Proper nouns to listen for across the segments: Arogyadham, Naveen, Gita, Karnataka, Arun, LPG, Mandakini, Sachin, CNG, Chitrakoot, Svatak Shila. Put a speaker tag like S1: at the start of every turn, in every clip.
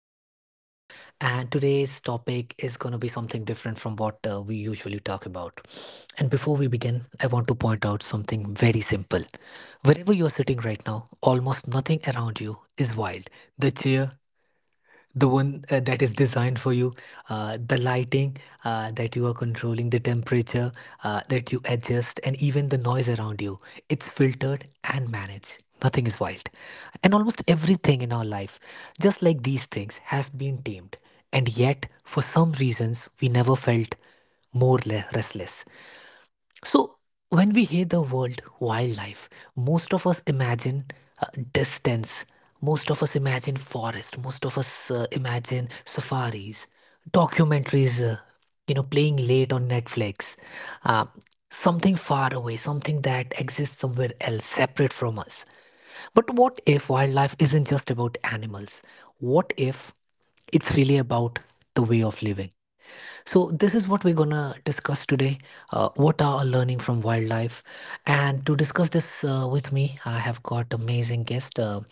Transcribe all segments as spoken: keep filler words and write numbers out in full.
S1: Is Sachin, and today's topic is going to be something different from what uh, we usually talk about. And before we begin, I want to point out something very simple. Wherever you're sitting right now, almost nothing around you is wild. The chair, the one uh, that is designed for you, uh, the lighting uh, that you are controlling, the temperature uh, that you adjust, and even the noise around you. It's filtered and managed. Nothing is wild. And almost everything in our life, just like these things, have been tamed. And yet, for some reasons, we never felt more le- restless. So, when we hear the word wildlife, most of us imagine uh, distance, most of us imagine forest, most of us uh, imagine safaris, documentaries, uh, you know, playing late on Netflix, uh, something far away, something that exists somewhere else, separate from us. But what if wildlife isn't just about animals? What if it's really about the way of living? So, this is what we're gonna discuss today. Uh, what are learning from wildlife? And to discuss this uh, with me, I have got amazing guest uh,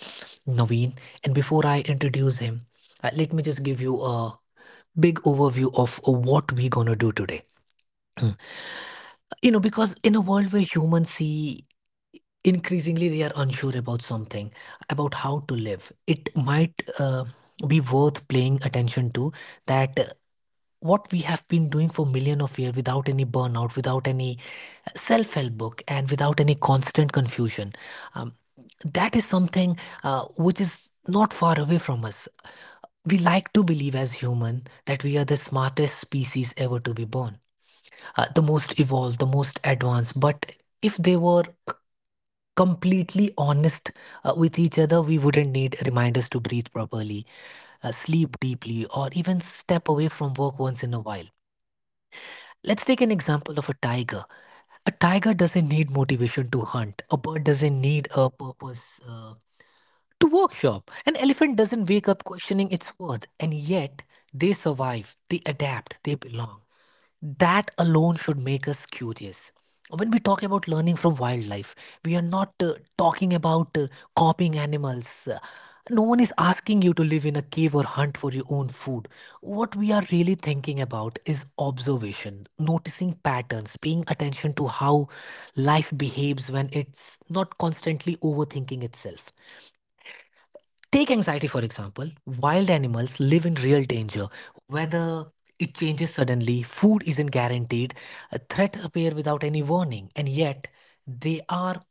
S1: Naveen. And before I introduce him, uh, let me just give you a big overview of what we're gonna do today. Mm. You know, because in a world where humans see increasingly they are unsure about something, about how to live, it might uh, be worth paying attention to that what we have been doing for million of years without any burnout, without any self-help book, and without any constant confusion. um, that is something uh, which is not far away from us. We like to believe as human that we are the smartest species ever to be born, uh, the most evolved, the most advanced. But if they were completely honest uh, with each other, we wouldn't need reminders to breathe properly, uh, sleep deeply, or even step away from work once in a while. Let's take an example of a tiger. A tiger doesn't need motivation to hunt. A bird doesn't need a purpose. Uh, to workshop, an elephant doesn't wake up questioning its worth, and yet they survive, they adapt, they belong. That alone should make us curious. When we talk about learning from wildlife, we are not uh, talking about uh, copying animals. Uh, No one is asking you to live in a cave or hunt for your own food. What we are really thinking about is observation, noticing patterns, paying attention to how life behaves when it's not constantly overthinking itself. Take anxiety, for example. Wild animals live in real danger. Weather it changes suddenly, food isn't guaranteed, uh, threats appear without any warning, and yet they are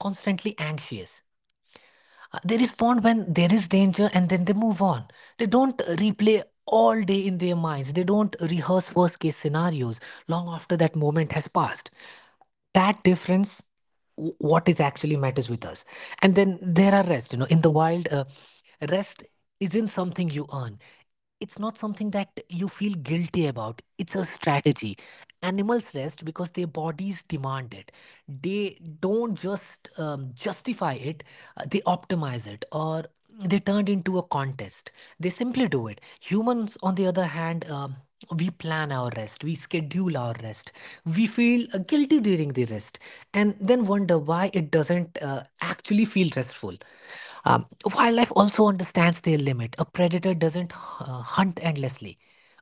S1: constantly anxious. Uh, They respond when there is danger and then they move on. They don't replay all day in their minds, they don't rehearse worst case scenarios long after that moment has passed. That difference, w- what is actually matters with us. And then there are rest, you know, in the wild. Uh, rest isn't something you earn, it's not something that you feel guilty about, it's a strategy. Animals rest because their bodies demand it. They don't just um, justify it, uh, they optimize it. Or they turned into a contest. They simply do it. Humans, on the other hand, um, we plan our rest, we schedule our rest, we feel uh, guilty during the rest, and then wonder why it doesn't uh, actually feel restful. Um, Wildlife also understands their limit. A predator doesn't uh, hunt endlessly.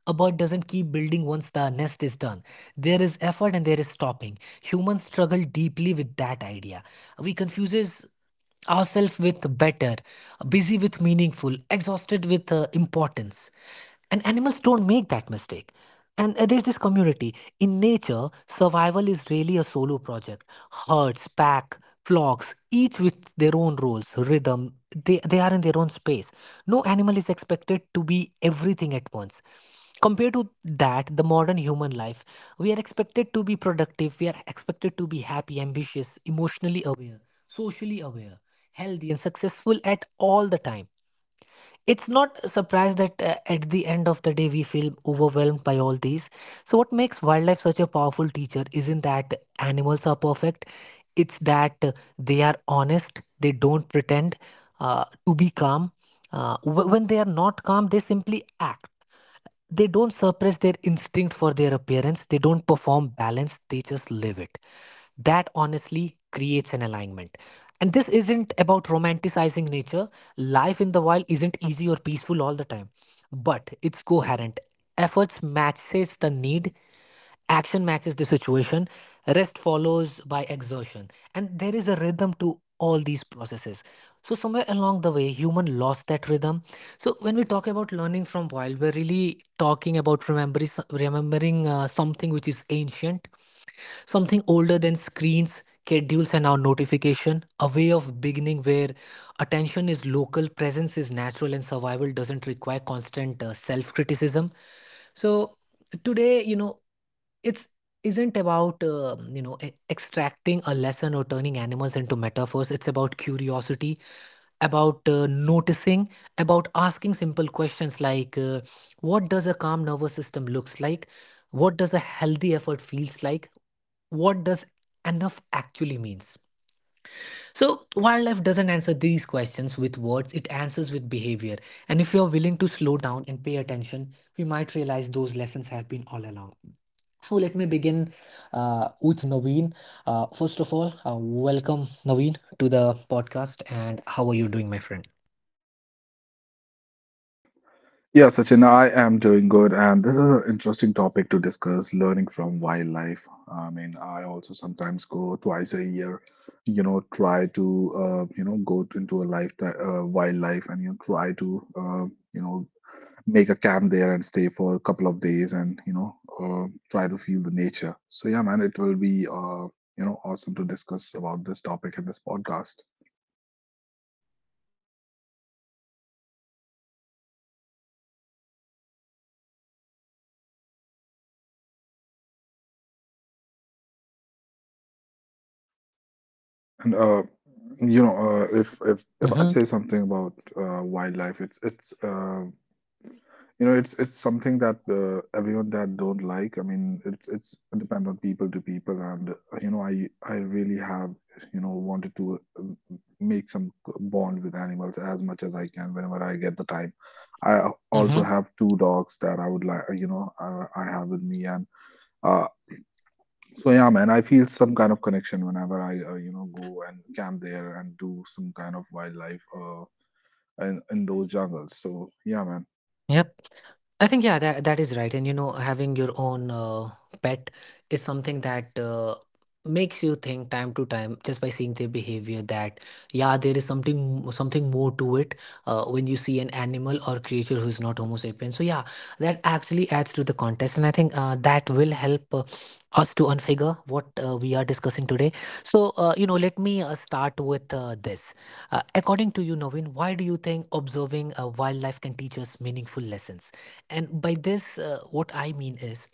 S1: A bird doesn't keep building once the nest is done. There is effort and there is stopping. Humans struggle deeply with that idea. We confuses ourselves with better, busy with meaningful, exhausted with uh, importance. And animals don't make that mistake. And uh, there's this community. In nature, survival is really a solo project. Herds, pack, flocks, each with their own roles, rhythm. They, they are in their own space. No animal is expected to be everything at once. Compared to that, the modern human life, we are expected to be productive, we are expected to be happy, ambitious, emotionally aware, socially aware, healthy, and successful at all the time. It's not a surprise that uh, at the end of the day we feel overwhelmed by all these. So, what makes wildlife such a powerful teacher isn't that animals are perfect, it's that uh, they are honest. They don't pretend uh, to be calm. Uh, wh- when they are not calm, they simply act. They don't suppress their instinct for their appearance, they don't perform balance, they just live it. That honestly creates an alignment. And this isn't about romanticizing nature. Life in the wild isn't easy or peaceful all the time, but it's coherent. Efforts matches the need. Action matches the situation, rest follows by exertion, and there is a rhythm to all these processes. So, somewhere along the way, human lost that rhythm. So, when we talk about learning from wild, we're really talking about remembering, remembering uh, something which is ancient, something older than screens, schedules, and our notification, a way of beginning where attention is local, presence is natural, and survival doesn't require constant uh, self criticism. So, today, you know, it's isn't about um, you know e- extracting a lesson or turning animals into metaphors. It's about curiosity, about uh, noticing, about asking simple questions like uh, what does a calm nervous system looks like, what does a healthy effort feels like, what does enough actually means. So, wildlife doesn't answer these questions with words, it answers with behavior. And if you are willing to slow down and pay attention, we might realize those lessons have been all along. So, let me begin uh, with Naveen. Uh, first of all, uh, welcome Naveen to the podcast. And how are you doing, my friend?
S2: Yeah, Sachin, I am doing good, and this is an interesting topic to discuss, learning from wildlife. I mean, I also sometimes go twice a year, you know, try to, uh, you know, go t- into a lifetime uh, wildlife and, you know, try to, uh, you know, make a camp there and stay for a couple of days and, you know, uh, try to feel the nature. So, yeah, man, it will be, uh, you know, awesome to discuss about this topic in this podcast. And uh, you know, uh, if if if I
S1: Mm-hmm.
S2: say something about uh, wildlife, it's it's uh, you know, it's it's something that uh, everyone that don't like. I mean, it's it's depend on people to people, and uh, you know, I I really have you know wanted to um, make some bond with animals as much as I can whenever I get the time. I also
S1: Mm-hmm.
S2: have two dogs that I would like, you know, uh, I have with me, and. uh, so yeah, man, I feel some kind of connection whenever I, uh, you know, go and camp there and do some kind of wildlife uh, in, in those jungles. So yeah, man.
S1: Yep. I think yeah, that that is right. And you know, having your own uh, pet is something that uh, makes you think time to time just by seeing their behavior, that yeah, there is something, something more to it uh, when you see an animal or creature who is not homo sapien. So yeah, that actually adds to the context, and I think uh, that will help uh, us to unfigure what uh, we are discussing today. So, uh, you know, let me uh, start with uh, this. Uh, according to you Naveen, why do you think observing uh, wildlife can teach us meaningful lessons? And by this uh, what I mean is,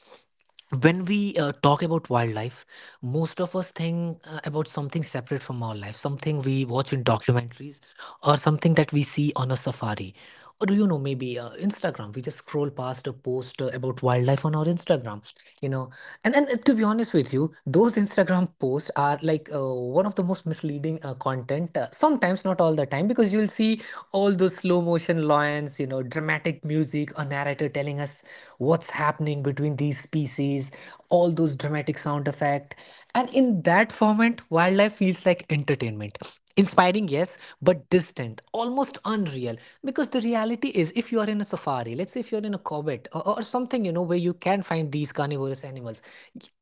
S1: when we uh, talk about wildlife, most of us think uh, about something separate from our life, something we watch in documentaries, or something that we see on a safari, or, do you know, maybe uh, Instagram, we just scroll past a post uh, about wildlife on our Instagram, you know. And and uh, to be honest with you, those Instagram posts are like uh, one of the most misleading uh, content uh, sometimes, not all the time, because you'll see all those slow motion lions, you know, dramatic music intrigue, a narrator telling us what's happening between these species, all those dramatic sound effects. And in that format, wildlife feels like entertainment. Inspiring, yes, but distant, almost unreal. Because the reality is, if you are in a safari, let's say if you're in a Cobbett or, or something, you know, where you can find these carnivorous animals,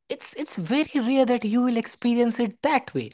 S1: it's it's very rare that you will experience it that way,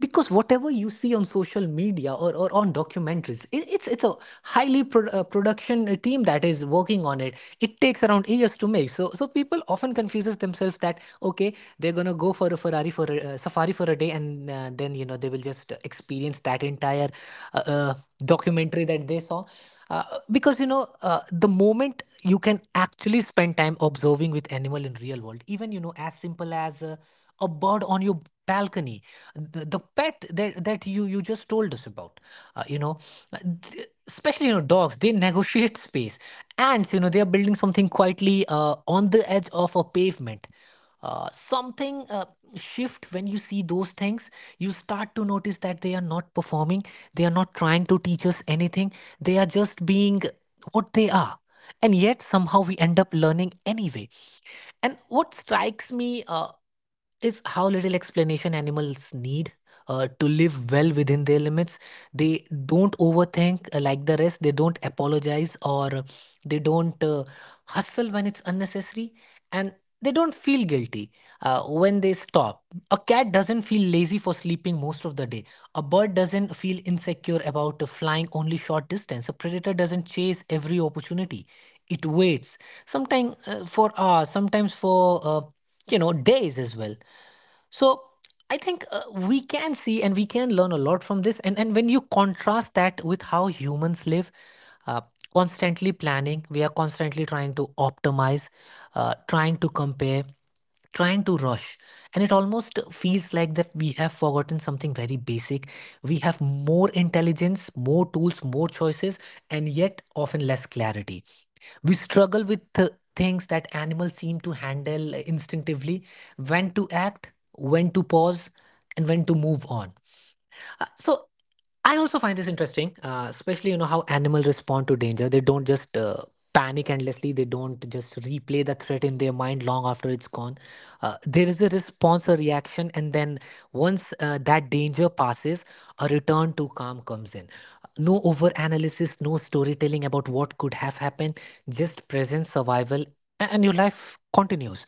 S1: because whatever you see on social media or, or on documentaries, it, it's it's a highly pro- uh, production uh, team that is working on it. It takes around years to make, so so people often confuses themselves that okay, they're going to go for a ferrari for a uh, safari for a day and uh, then, you know, they will just experience that entire uh, uh, documentary that they saw. uh, because you know uh, the moment you can actually spend time observing with animal in real world, even, you know, as simple as uh, a bird on your balcony, the, the pet that, that you you just told us about. uh, you know uh, th- Especially, you know, dogs, they negotiate space. Ants, you know, they are building something quietly uh, on the edge of a pavement. Uh, something uh, shift when you see those things. You start to notice that they are not performing, they are not trying to teach us anything, they are just being what they are, and yet somehow we end up learning anyway. And what strikes me uh, is how little explanation animals need uh, to live well within their limits. They don't overthink uh, like the rest, they don't apologize, or uh, they don't uh, hustle when it's unnecessary, and they don't feel guilty uh, when they stop. A cat doesn't feel lazy for sleeping most of the day. A bird doesn't feel insecure about uh, flying only short distance. A predator doesn't chase every opportunity. It waits, sometimes uh, for hours, sometimes for uh, you know days as well. So i think uh, we can see and we can learn a lot from this, and and when you contrast that with how humans live, uh, constantly planning, we are constantly trying to optimize, uh, trying to compare, trying to rush. And it almost feels like that we have forgotten something very basic. We have more intelligence, more tools, more choices, and yet often less clarity. We struggle with th- things that animals seem to handle instinctively: when to act, when to pause, and when to move on. Uh, so i also find this interesting, uh, especially you know how animals respond to danger. They don't just uh, panic endlessly. They don't just replay the threat in their mind long after it's gone. Uh, there is a response, a reaction, and then once uh, that danger passes, a return to calm comes in. No over analysis, no storytelling about what could have happened, just present survival, a- and your life continues.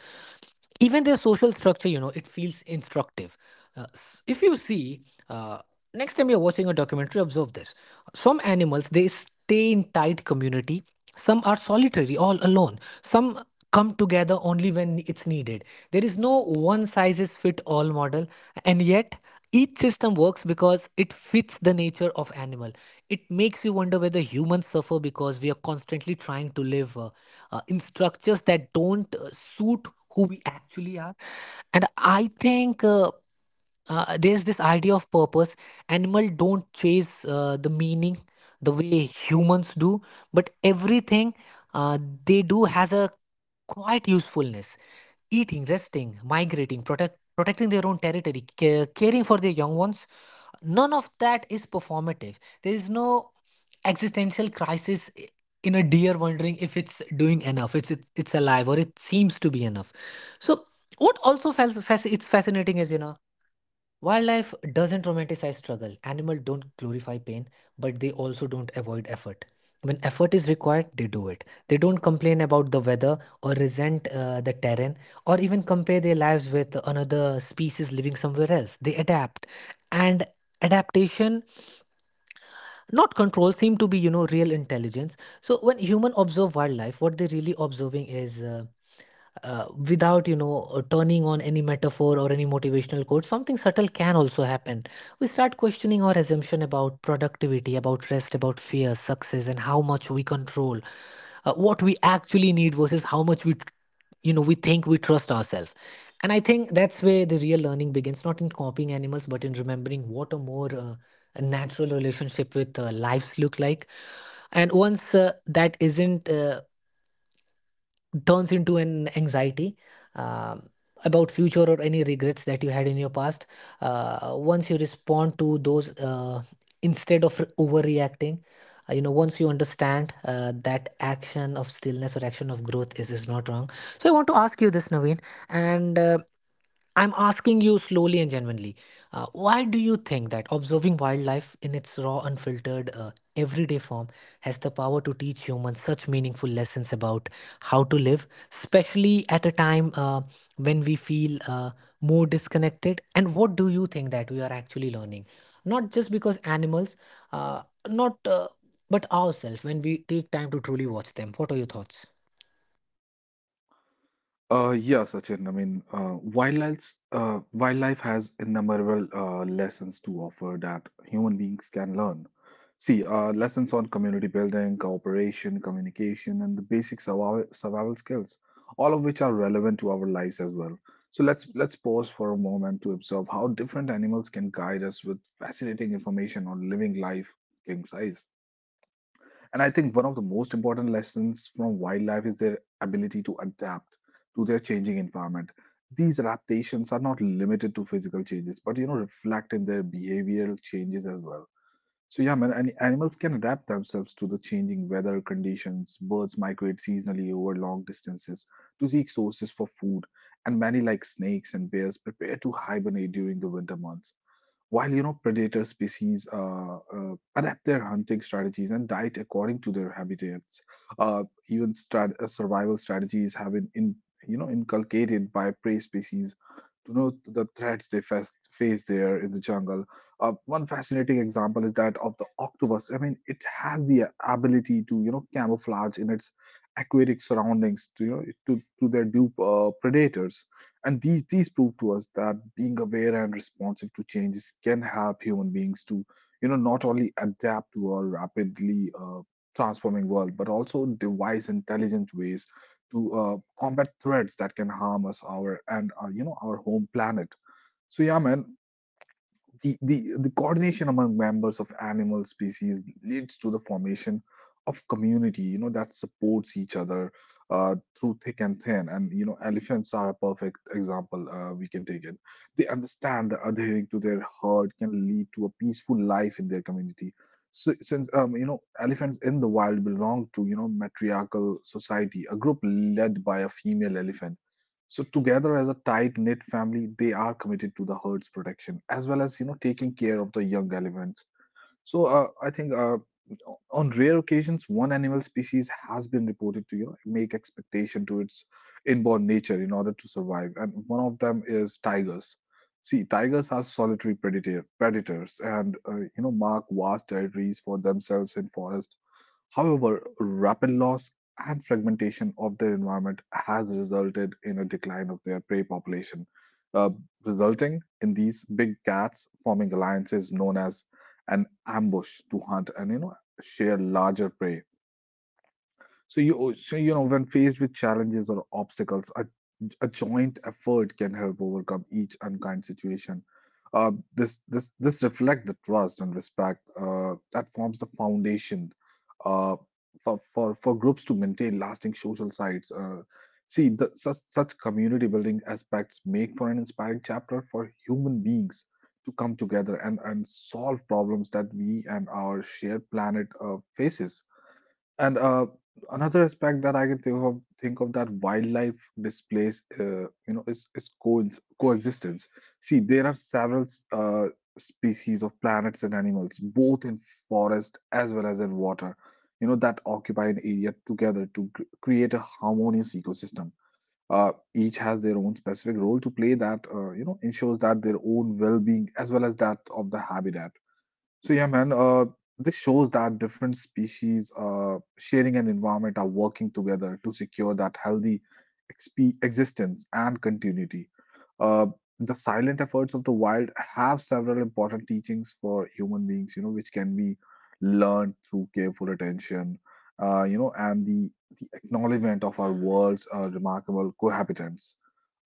S1: Even their social structure, you know, it feels instructive. Uh, s- if you see, uh, next time you're watching a documentary, observe this. Some animals, they stay in tight community. Some are solitary, all alone. Some come together only when it's needed. There is no one sizes fit all model, and yet each system works because it fits the nature of animal. It makes you wonder whether humans suffer because we are constantly trying to live uh, uh, in structures that don't uh, suit who we actually are. And I think uh, uh, there's this idea of purpose. Animal don't chase uh, the meaning the way humans do, but everything uh, they do has a quite usefulness. Eating, resting, migrating, protect, protecting their own territory, ca- caring for their young ones, none of that is performative. There is no existential crisis i- in a deer wondering if it's doing enough. It's it's, it's alive, or it seems to be enough. So what also fas- fas- it's fascinating is, you know, wildlife doesn't romanticize struggle. Animals don't glorify pain, but they also don't avoid effort. When effort is required, they do it. They don't complain about the weather or resent uh, the terrain, or even compare their lives with another species living somewhere else. They adapt. And adaptation, not control, seem to be, you know, real intelligence. So when human observe wildlife, what they're really observing is, uh, uh, without you know uh, turning on any metaphor or any motivational quote, something subtle can also happen. We start questioning our assumption about productivity, about rest, about fear, success, and how much we control, uh, what we actually need versus how much we, you know, we think we trust ourselves. And i think that's where the real learning begins, not in copying animals but in remembering what a more uh, a natural relationship with uh, lives look like. And once uh, that isn't uh, turns into an anxiety, um, about future or any regrets that you had in your past, uh, once you respond to those, uh, instead of overreacting, uh, you know, once you understand uh, that action of stillness or action of growth is is not wrong. So i want to ask you this, Naveen, and uh, I'm asking you slowly and genuinely, uh, why do you think that observing wildlife in its raw, unfiltered uh, everyday form has the power to teach humans such meaningful lessons about how to live, especially at a time uh, when we feel uh, more disconnected. And what do you think that we are actually learning? Not just because animals, uh, not uh, but ourselves when we take time to truly watch them. What are your thoughts?
S2: Uh, yeah, Sachin. I mean, uh, wildlife's, uh, wildlife has innumerable uh, lessons to offer that human beings can learn. See, uh, lessons on community building, cooperation, communication, and the basic survival, survival skills, all of which are relevant to our lives as well. So let's let's pause for a moment to observe how different animals can guide us with fascinating information on living life king size. And I think one of the most important lessons from wildlife is their ability to adapt to their changing environment. These adaptations are not limited to physical changes, but you know, reflect in their behavioral changes as well. So yeah, man, and animals can adapt themselves to the changing weather conditions. Birds migrate seasonally over long distances to seek sources for food, and many, like snakes and bears, prepare to hibernate during the winter months. While you know predator species uh, uh, adapt their hunting strategies and diet according to their habitats, uh, even strat- uh, survival strategies have been in you know inculcated by prey species to know the threats they face, face there in the jungle. Uh, one fascinating example is that of the octopus. I mean, it has the ability to you know camouflage in its aquatic surroundings to you know to, to their dupe uh, predators. And these these prove to us that being aware and responsive to changes can help human beings to, you know, not only adapt to our rapidly uh, transforming world, but also devise intelligent ways to uh, combat threats that can harm us, our and uh, you know, our home planet. So yeah, man, the, the, the coordination among members of animal species leads to the formation of community you know that supports each other uh, through thick and thin, and you know elephants are a perfect example. Uh, we can take it. They understand that adhering to their herd can lead to a peaceful life in their community. So since um, you know elephants in the wild belong to you know matriarchal society, a group led by a female elephant. So together as a tight knit family, they are committed to the herd's protection as well as you know taking care of the young elephants. So uh, I think uh, on rare occasions, one animal species has been reported to you know, make expectation to its inborn nature in order to survive, and one of them is tigers. See, tigers are solitary predator predators and uh, you know mark vast territories for themselves in forest. However, rapid loss and fragmentation of their environment has resulted in a decline of their prey population, uh, resulting in these big cats forming alliances known as an ambush to hunt and you know share larger prey. So you so you know when faced with challenges or obstacles, a, a joint effort can help overcome each unkind situation. Uh, this this this reflect the trust and respect uh, that forms the foundation uh, for for for groups to maintain lasting social sites. Uh, see, the, such such community building aspects make for an inspiring chapter for human beings to come together and and solve problems that we and our shared planet uh, faces. And uh, Another aspect that I can think of think of that wildlife displays, uh, you know, is is co coexistence. See, there are several uh, species of planets and animals, both in forest as well as in water, you know, that occupy an area together to cr create a harmonious ecosystem. Uh, each has their own specific role to play that, uh, you know, ensures that their own well-being as well as that of the habitat. So yeah, man, uh, this shows that different species uh, sharing an environment are working together to secure that healthy exp- existence and continuity. Uh, the silent efforts of the wild have several important teachings for human beings, you know, which can be learned through careful attention, uh, you know, and the the acknowledgement of our world's uh, remarkable cohabitants.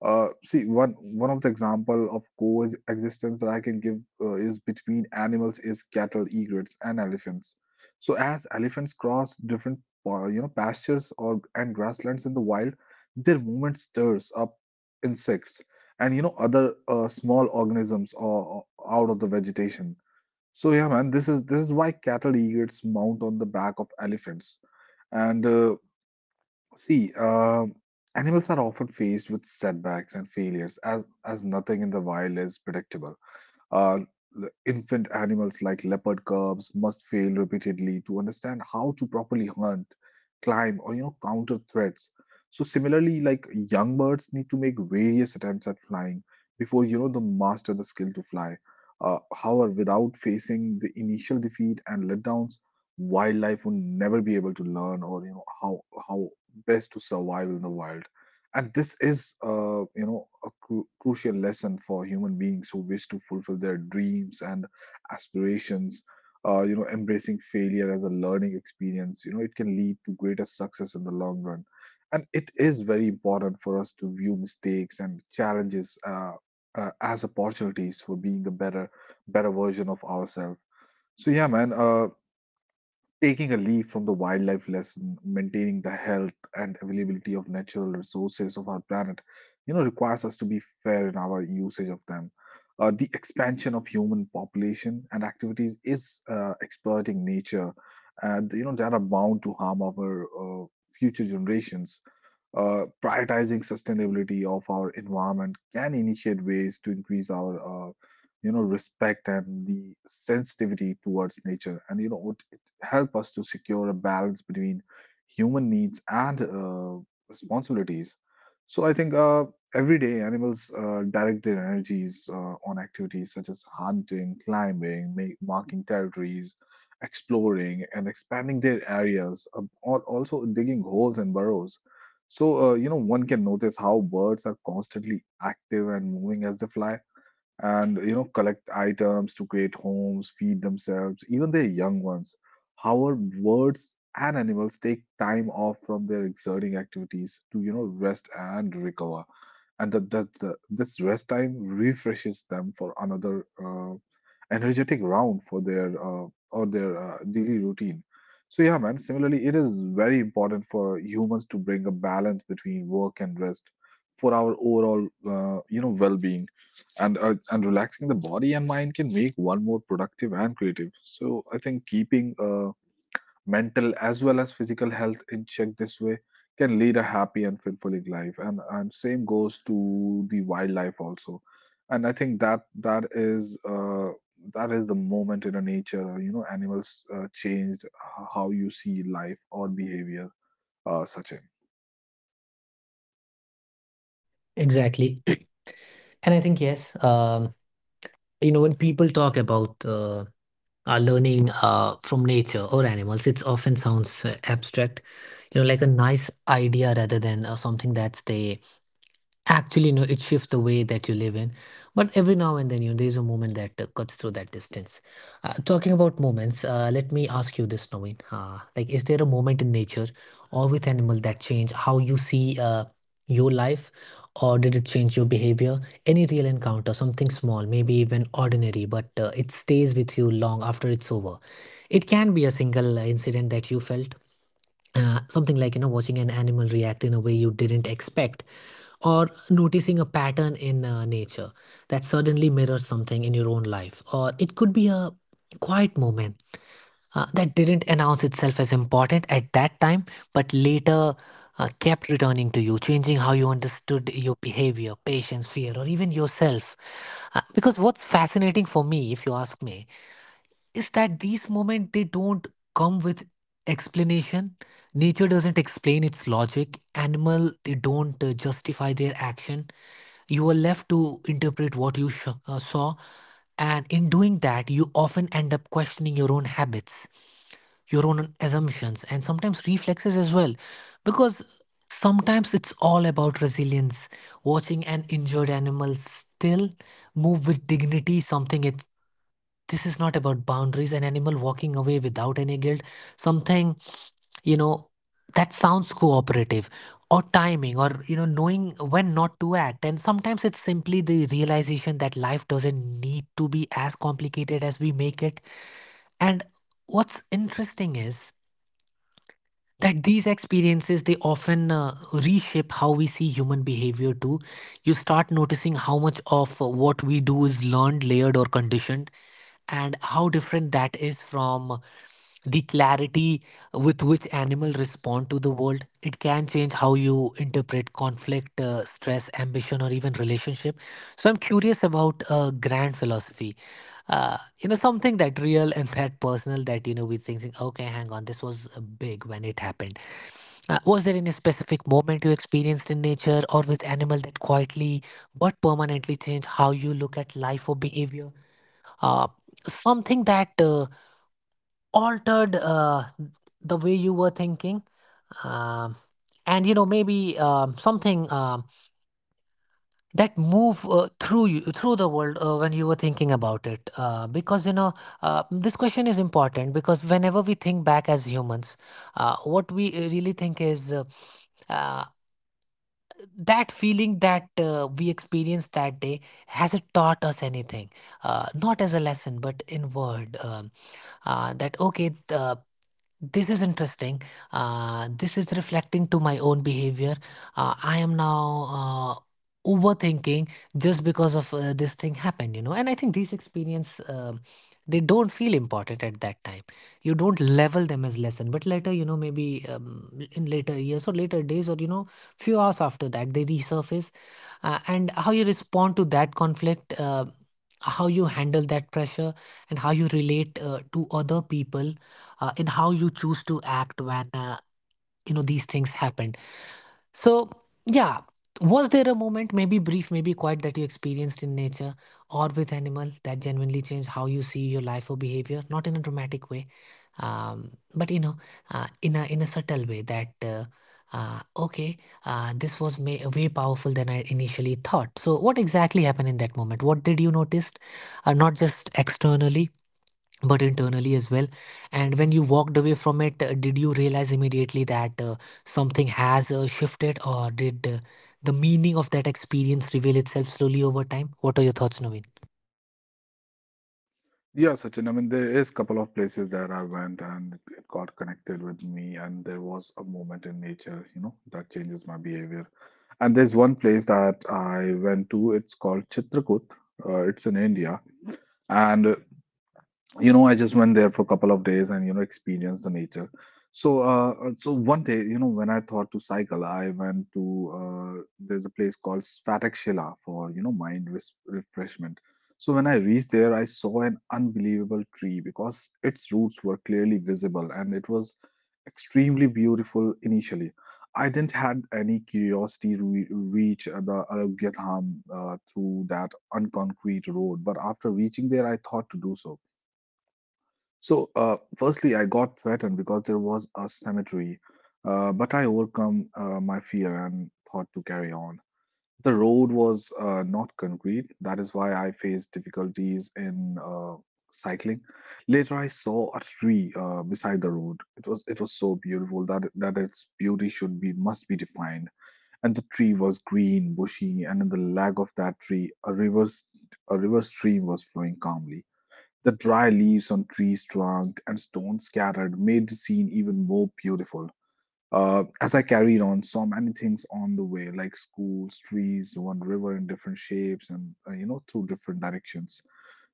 S2: Uh, see, one one of the example of coexistence that I can give uh, is between animals is cattle, egrets, and elephants. So as elephants cross different uh, you know pastures or and grasslands in the wild, their movement stirs up insects and you know other uh, small organisms or, out of the vegetation. So yeah, man, this is this is why cattle egrets mount on the back of elephants, and uh, See, um, animals are often faced with setbacks and failures as as nothing in the wild is predictable. Uh, l- infant animals like leopard cubs must fail repeatedly to understand how to properly hunt, climb, or you know counter threats. So similarly, like young birds need to make various attempts at flying before you know they master the skill to fly. Uh, however, without facing the initial defeat and letdowns, wildlife would never be able to learn or you know how how best to survive in the wild. And this is uh, you know a cru- crucial lesson for human beings who wish to fulfill their dreams and aspirations, uh, you know embracing failure as a learning experience, you know it can lead to greater success in the long run. And it is very important for us to view mistakes and challenges uh, uh, as opportunities for being a better better version of ourselves. So yeah, man, uh, taking a leaf from the wildlife lesson, maintaining the health and availability of natural resources of our planet, you know, requires us to be fair in our usage of them. Uh, the expansion of human population and activities is uh, exploiting nature, and you know, that are bound to harm our uh, future generations. Uh, prioritizing sustainability of our environment can initiate ways to increase our, uh, you know, respect and the sensitivity towards nature, and you know, it, it help us to secure a balance between human needs and uh, responsibilities. So I think uh, every day animals uh, direct their energies uh, on activities such as hunting, climbing, ma- marking territories, exploring, and expanding their areas, uh, al- also digging holes and burrows. So, uh, you know, one can notice how birds are constantly active and moving as they fly, and, you know, collect items to create homes, feed themselves, even their young ones. However, birds and animals take time off from their exerting activities to, you know, rest and recover. And that that the, this rest time refreshes them for another uh, energetic round for their uh, or their uh, daily routine. So yeah, man. Similarly, it is very important for humans to bring a balance between work and rest for our overall, uh, you know, well-being. And uh, and relaxing the body and mind can make one more productive and creative. So I think keeping a mental as well as physical health in check this way can lead a happy and fulfilling life, and and same goes to the wildlife also. And I think that that is uh that is the moment in a nature, you know animals uh, changed how you see life or behavior, uh, Sachin.
S1: Exactly. And I think, yes, um, you know, when people talk about uh, uh, learning uh, from nature or animals, it often sounds uh, abstract, you know, like a nice idea rather than uh, something that's they actually, no, it shifts the way that you live in. But every now and then, you know, there's a moment that uh, cuts through that distance. Uh, talking about moments, uh, let me ask you this, Naveen. Uh, like, is there a moment in nature or with animal that change how you see uh, your life, or did it change your behavior? Any real encounter, something small, maybe even ordinary, but uh, it stays with you long after it's over. It can be a single uh, incident that you felt, uh, something like, you know, watching an animal react in a way you didn't expect, or noticing a pattern in uh, nature that suddenly mirrors something in your own life, or it could be a quiet moment uh, that didn't announce itself as important at that time, but later uh, kept returning to you, changing how you understood your behavior, patience, fear, or even yourself. Uh, because what's fascinating for me, if you ask me, is that these moments, they don't come with explanation. Nature doesn't explain its logic. Animal, they don't uh, justify their action. You are left to interpret what you sh- uh, saw, and in doing that, you often end up questioning your own habits, your own assumptions, and sometimes reflexes as well. Because sometimes it's all about resilience, watching an injured animal still move with dignity. Something it, this is not about boundaries, an animal walking away without any guilt, something, you know, that sounds cooperative, or timing, or, you know, knowing when not to act. And sometimes it's simply the realization that life doesn't need to be as complicated as we make it. And what's interesting is that these experiences, they often uh, reshape how we see human behavior too. You start noticing how much of uh, what we do is learned, layered, or conditioned, and how different that is from the clarity with which animals respond to the world. It can change how you interpret conflict, uh, stress, ambition, or even relationship. So i'm curious about uh, grand philosophy. Uh, you know, something that real and that personal, that, you know, we thinking, okay, hang on, this was uh, big when it happened. Uh, was there any specific moment you experienced in nature or with animal that quietly but permanently changed how you look at life or behavior? uh, Something that uh, altered uh, the way you were thinking, um, and you know, maybe um, something um, that move uh, through you, through the world uh, when you were thinking about it. Uh, because, you know, uh, this question is important because whenever we think back as humans, uh, what we uh, really think is, uh, uh, that feeling that uh, we experienced that day, has it taught us anything? Uh, not as a lesson, but in word, um, uh, that, okay, the this is interesting. Uh, this is reflecting to my own behavior. Uh, I am now uh, overthinking just because of uh, this thing happened, you know. And I think these experience, um, they don't feel important at that time. You don't level them as lesson, but later, you know, maybe um, in later years or later days, or you know, few hours after that, they resurface. Uh, and how you respond to that conflict, uh, how you handle that pressure, and how you relate uh, to other people, uh, and how you choose to act when uh, you know, these things happened. So yeah, was there a moment, maybe brief, maybe quiet, that you experienced in nature or with animal that genuinely changed how you see your life or behavior, not in a dramatic way, um, but you know, uh, in a in a subtle way that, uh, uh, okay, uh, this was may, way powerful than i initially thought. So what exactly happened in that moment? What did you notice, uh, not just externally but internally as well? And when you walked away from it, uh, did you realize immediately that uh, something has uh, shifted, or did uh, the meaning of that experience reveal itself slowly over time? What are your thoughts, Naveen?
S2: Yeah, Sachin. I mean, there is a couple of places that I went and it got connected with me, and there was a moment in nature, you know, that changes my behavior. And there's one place that I went to. It's called Chitrakoot. Uh, it's in India, and you know i just went there for a couple of days and you know experienced the nature. So uh so one day, you know when I thought to cycle, I went to uh there's a place called Svatak Shila for you know mind res- refreshment. So when I reached there, I saw an unbelievable tree because its roots were clearly visible, and it was extremely beautiful. Initially, I didn't had any curiosity to re- reach uh, the Arogyadham uh, through that unconcrete road, but after reaching there I thought to do so. So, uh, firstly, I got threatened because there was a cemetery, uh, but I overcome uh, my fear and thought to carry on. The road was uh, not concrete, that is why I faced difficulties in uh, cycling. Later, I saw a tree uh, beside the road. It was it was so beautiful that that its beauty should be must be defined. And the tree was green, bushy, and in the lag of that tree, a river st- a river stream was flowing calmly. The dry leaves on trees trunk and stones scattered made the scene even more beautiful. Uh, as I carried on, saw many things on the way, like schools, trees, one river in different shapes, and uh, you know through different directions.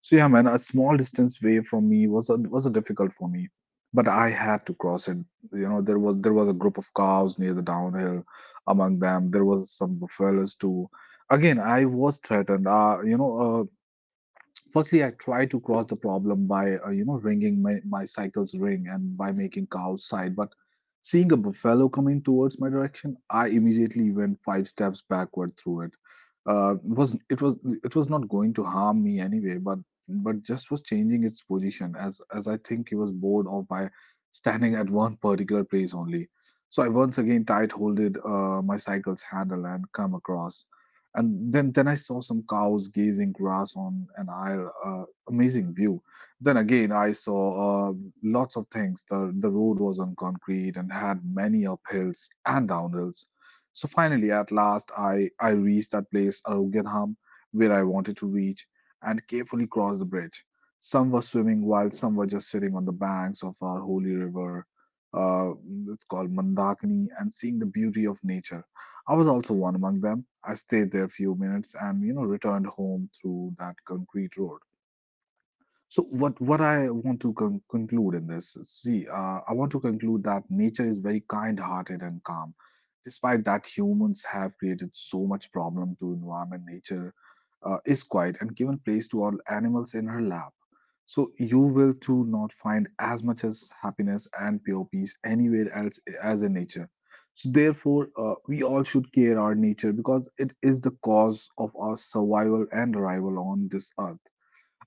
S2: So yeah, man, a small distance away from me was a, was a difficult for me, but I had to cross it. You know, there was there was a group of cows near the downhill. Among them, there was some buffaloes too. Again, I was threatened. Uh, you know, uh, firstly I try to cross the problem by uh, you know ringing my, my cycle's ring and by making cows side, but seeing a buffalo coming towards my direction, I immediately went five steps backward through it. Uh, it was it was it was not going to harm me anyway, but but just was changing its position, as as I think he was bored of by standing at one particular place only. So I once again tight holded uh, my cycle's handle and come across. And then then I saw some cows grazing grass on an aisle. Uh, amazing view. Then again, I saw uh, lots of things. the The road was on concrete and had many uphills and downhills. So finally, at last, I I reached that place, Arugyanham, where I wanted to reach, and carefully crossed the bridge. Some were swimming while some were just sitting on the banks of our holy river. Uh, it's called Mandakini, and seeing the beauty of nature. I was also one among them. I stayed there a few minutes and you know returned home through that concrete road. So what what I want to con- conclude in this see uh, I want to conclude that nature is very kind-hearted and calm. Despite that humans have created so much problem to environment, nature uh, is quiet and given place to all animals in her lap. So you will too not find as much as happiness and pure peace anywhere else as in nature. So therefore, uh, we all should care our nature because it is the cause of our survival and arrival on this earth.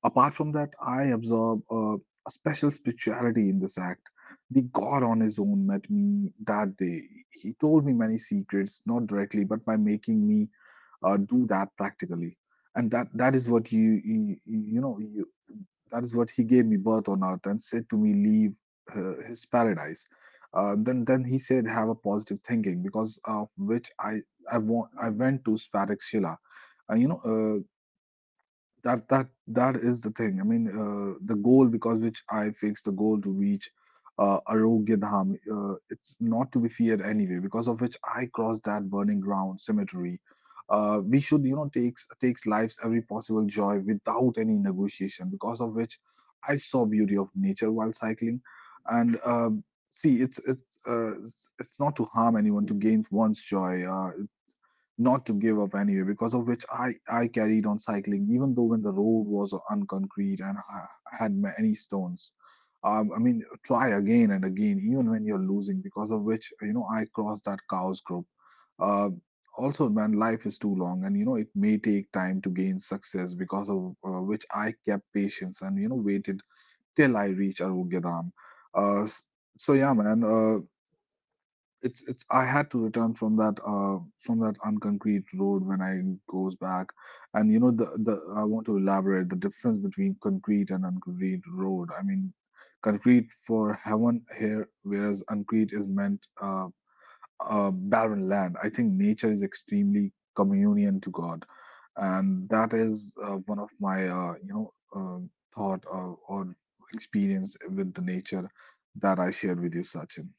S2: Apart from that, I observe uh, a special spirituality in this act. The God on His own met me that day. He told me many secrets, not directly, but by making me uh, do that practically. And that that is what you you, you know you that is what he gave me birth on earth and said to me leave uh, his paradise. Uh, then then he said have a positive thinking, because of which i i want i went to sphatic shila, uh, you know uh, that that that is the thing. I mean, uh, the goal because which I fixed the goal to reach uh, Arogya Dham. Uh, it's not to be feared anyway. Because of which I crossed that burning ground cemetery. Uh, we should, you know, takes takes life's every possible joy without any negotiation. Because of which I saw beauty of nature while cycling, and um see, it's it's uh, it's it's not to harm anyone to gain one's joy. Uh, not to give up anyway, because of which i i carried on cycling even though when the road was unconcrete and I had many stones. Um, i mean try again and again even when you're losing, because of which you know i crossed that cows group. uh, also, man, life is too long and you know it may take time to gain success, because of uh, which I kept patience and you know waited till I reached arugedam. Uh, s- so yeah, man, uh, it's it's I had to return from that uh from that unconcrete road when I goes back, and you know the the I want to elaborate the difference between concrete and unconcrete road. I mean, concrete for heaven here, whereas concrete is meant uh, uh barren land. I think nature is extremely communion to God, and that is uh, one of my uh you know uh, thought or, or experience with the nature that I shared with you, Sachin.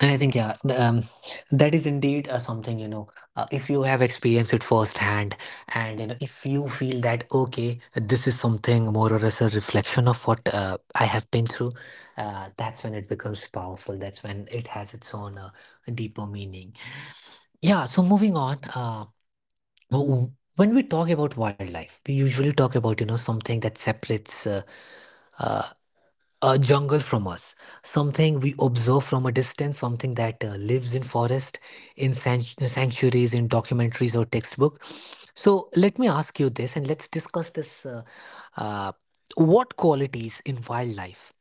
S1: And I think, yeah, the, um, that is indeed uh, something, you know, uh, if you have experienced it firsthand, and, you know, if you feel that, okay, this is something more or less a reflection of what uh, I have been through, uh, that's when it becomes powerful. That's when it has its own uh, deeper meaning. Yeah, so moving on, uh, w- w- when we talk about wildlife, we usually talk about, you know, something that separates uh, uh, a jungle from us, something we observe from a distance, something that uh, lives in forest, in sanct- sanctuaries, in documentaries or textbook. So let me ask you this, and let's discuss this. Uh, uh, what qualities in wildlife?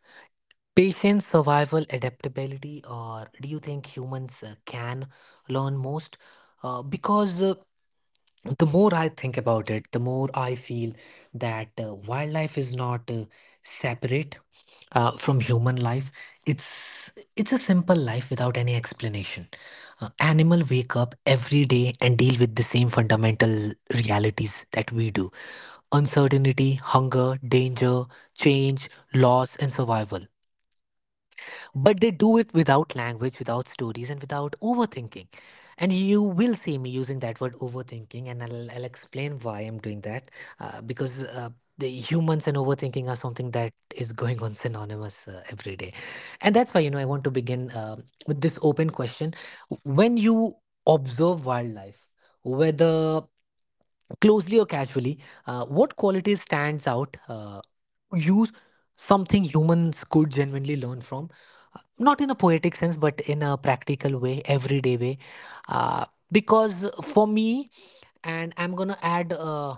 S1: Patience, survival, adaptability, or do you think humans uh, can learn most? Uh, because uh, The more I think about it, the more I feel that uh, wildlife is not uh, separate uh, from human life. It's it's a simple life without any explanation. Uh, animal wake up every day and deal with the same fundamental realities that we do: uncertainty, hunger, danger, change, loss, and survival. But they do it without language, without stories, and without overthinking. And you will see me using that word overthinking, and I'll, I'll explain why I'm doing that. Uh, because uh, The humans and overthinking are something that is going on synonymous uh, every day. And that's why, you know, I want to begin uh, with this open question. When you observe wildlife, whether closely or casually, uh, what quality stands out? Uh, use something humans could genuinely learn from, uh, not in a poetic sense but in a practical way, everyday way, uh, because for me, and I'm gonna add uh,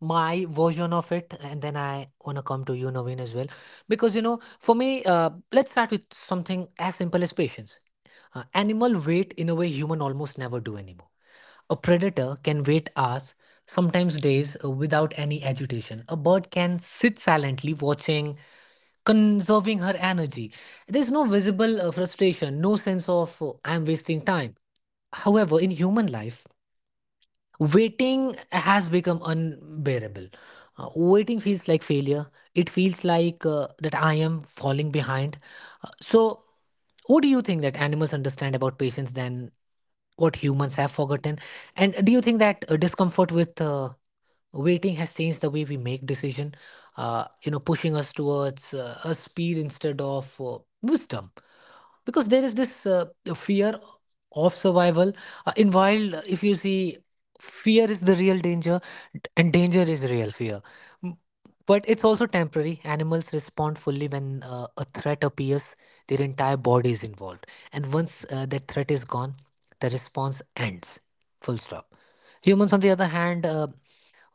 S1: my version of it, and then I wanna come to you, Naveen, as well. Because you know, for me, uh, let's start with something as simple as patience. Uh, animal wait in a way human almost never do anymore. A predator can wait hours, sometimes days, uh, without any agitation. A bird can sit silently watching, conserving her energy. There's no visible uh, frustration, no sense of uh, I'm wasting time. However, in human life, waiting has become unbearable. Uh, waiting feels like failure. It feels like uh, that I am falling behind. Uh, so, what do you think that animals understand about patience than what humans have forgotten? And do you think that uh, discomfort with uh, waiting has changed the way we make decision, uh, you know, pushing us towards uh, a speed instead of uh, wisdom? Because there is this uh, fear of survival uh, in wild. If you see, fear is the real danger and danger is real fear. M- but it's also temporary. Animals respond fully when uh, a threat appears. Their entire body is involved, and once uh, that threat is gone, the response ends. Full stop. Humans, on the other hand, uh,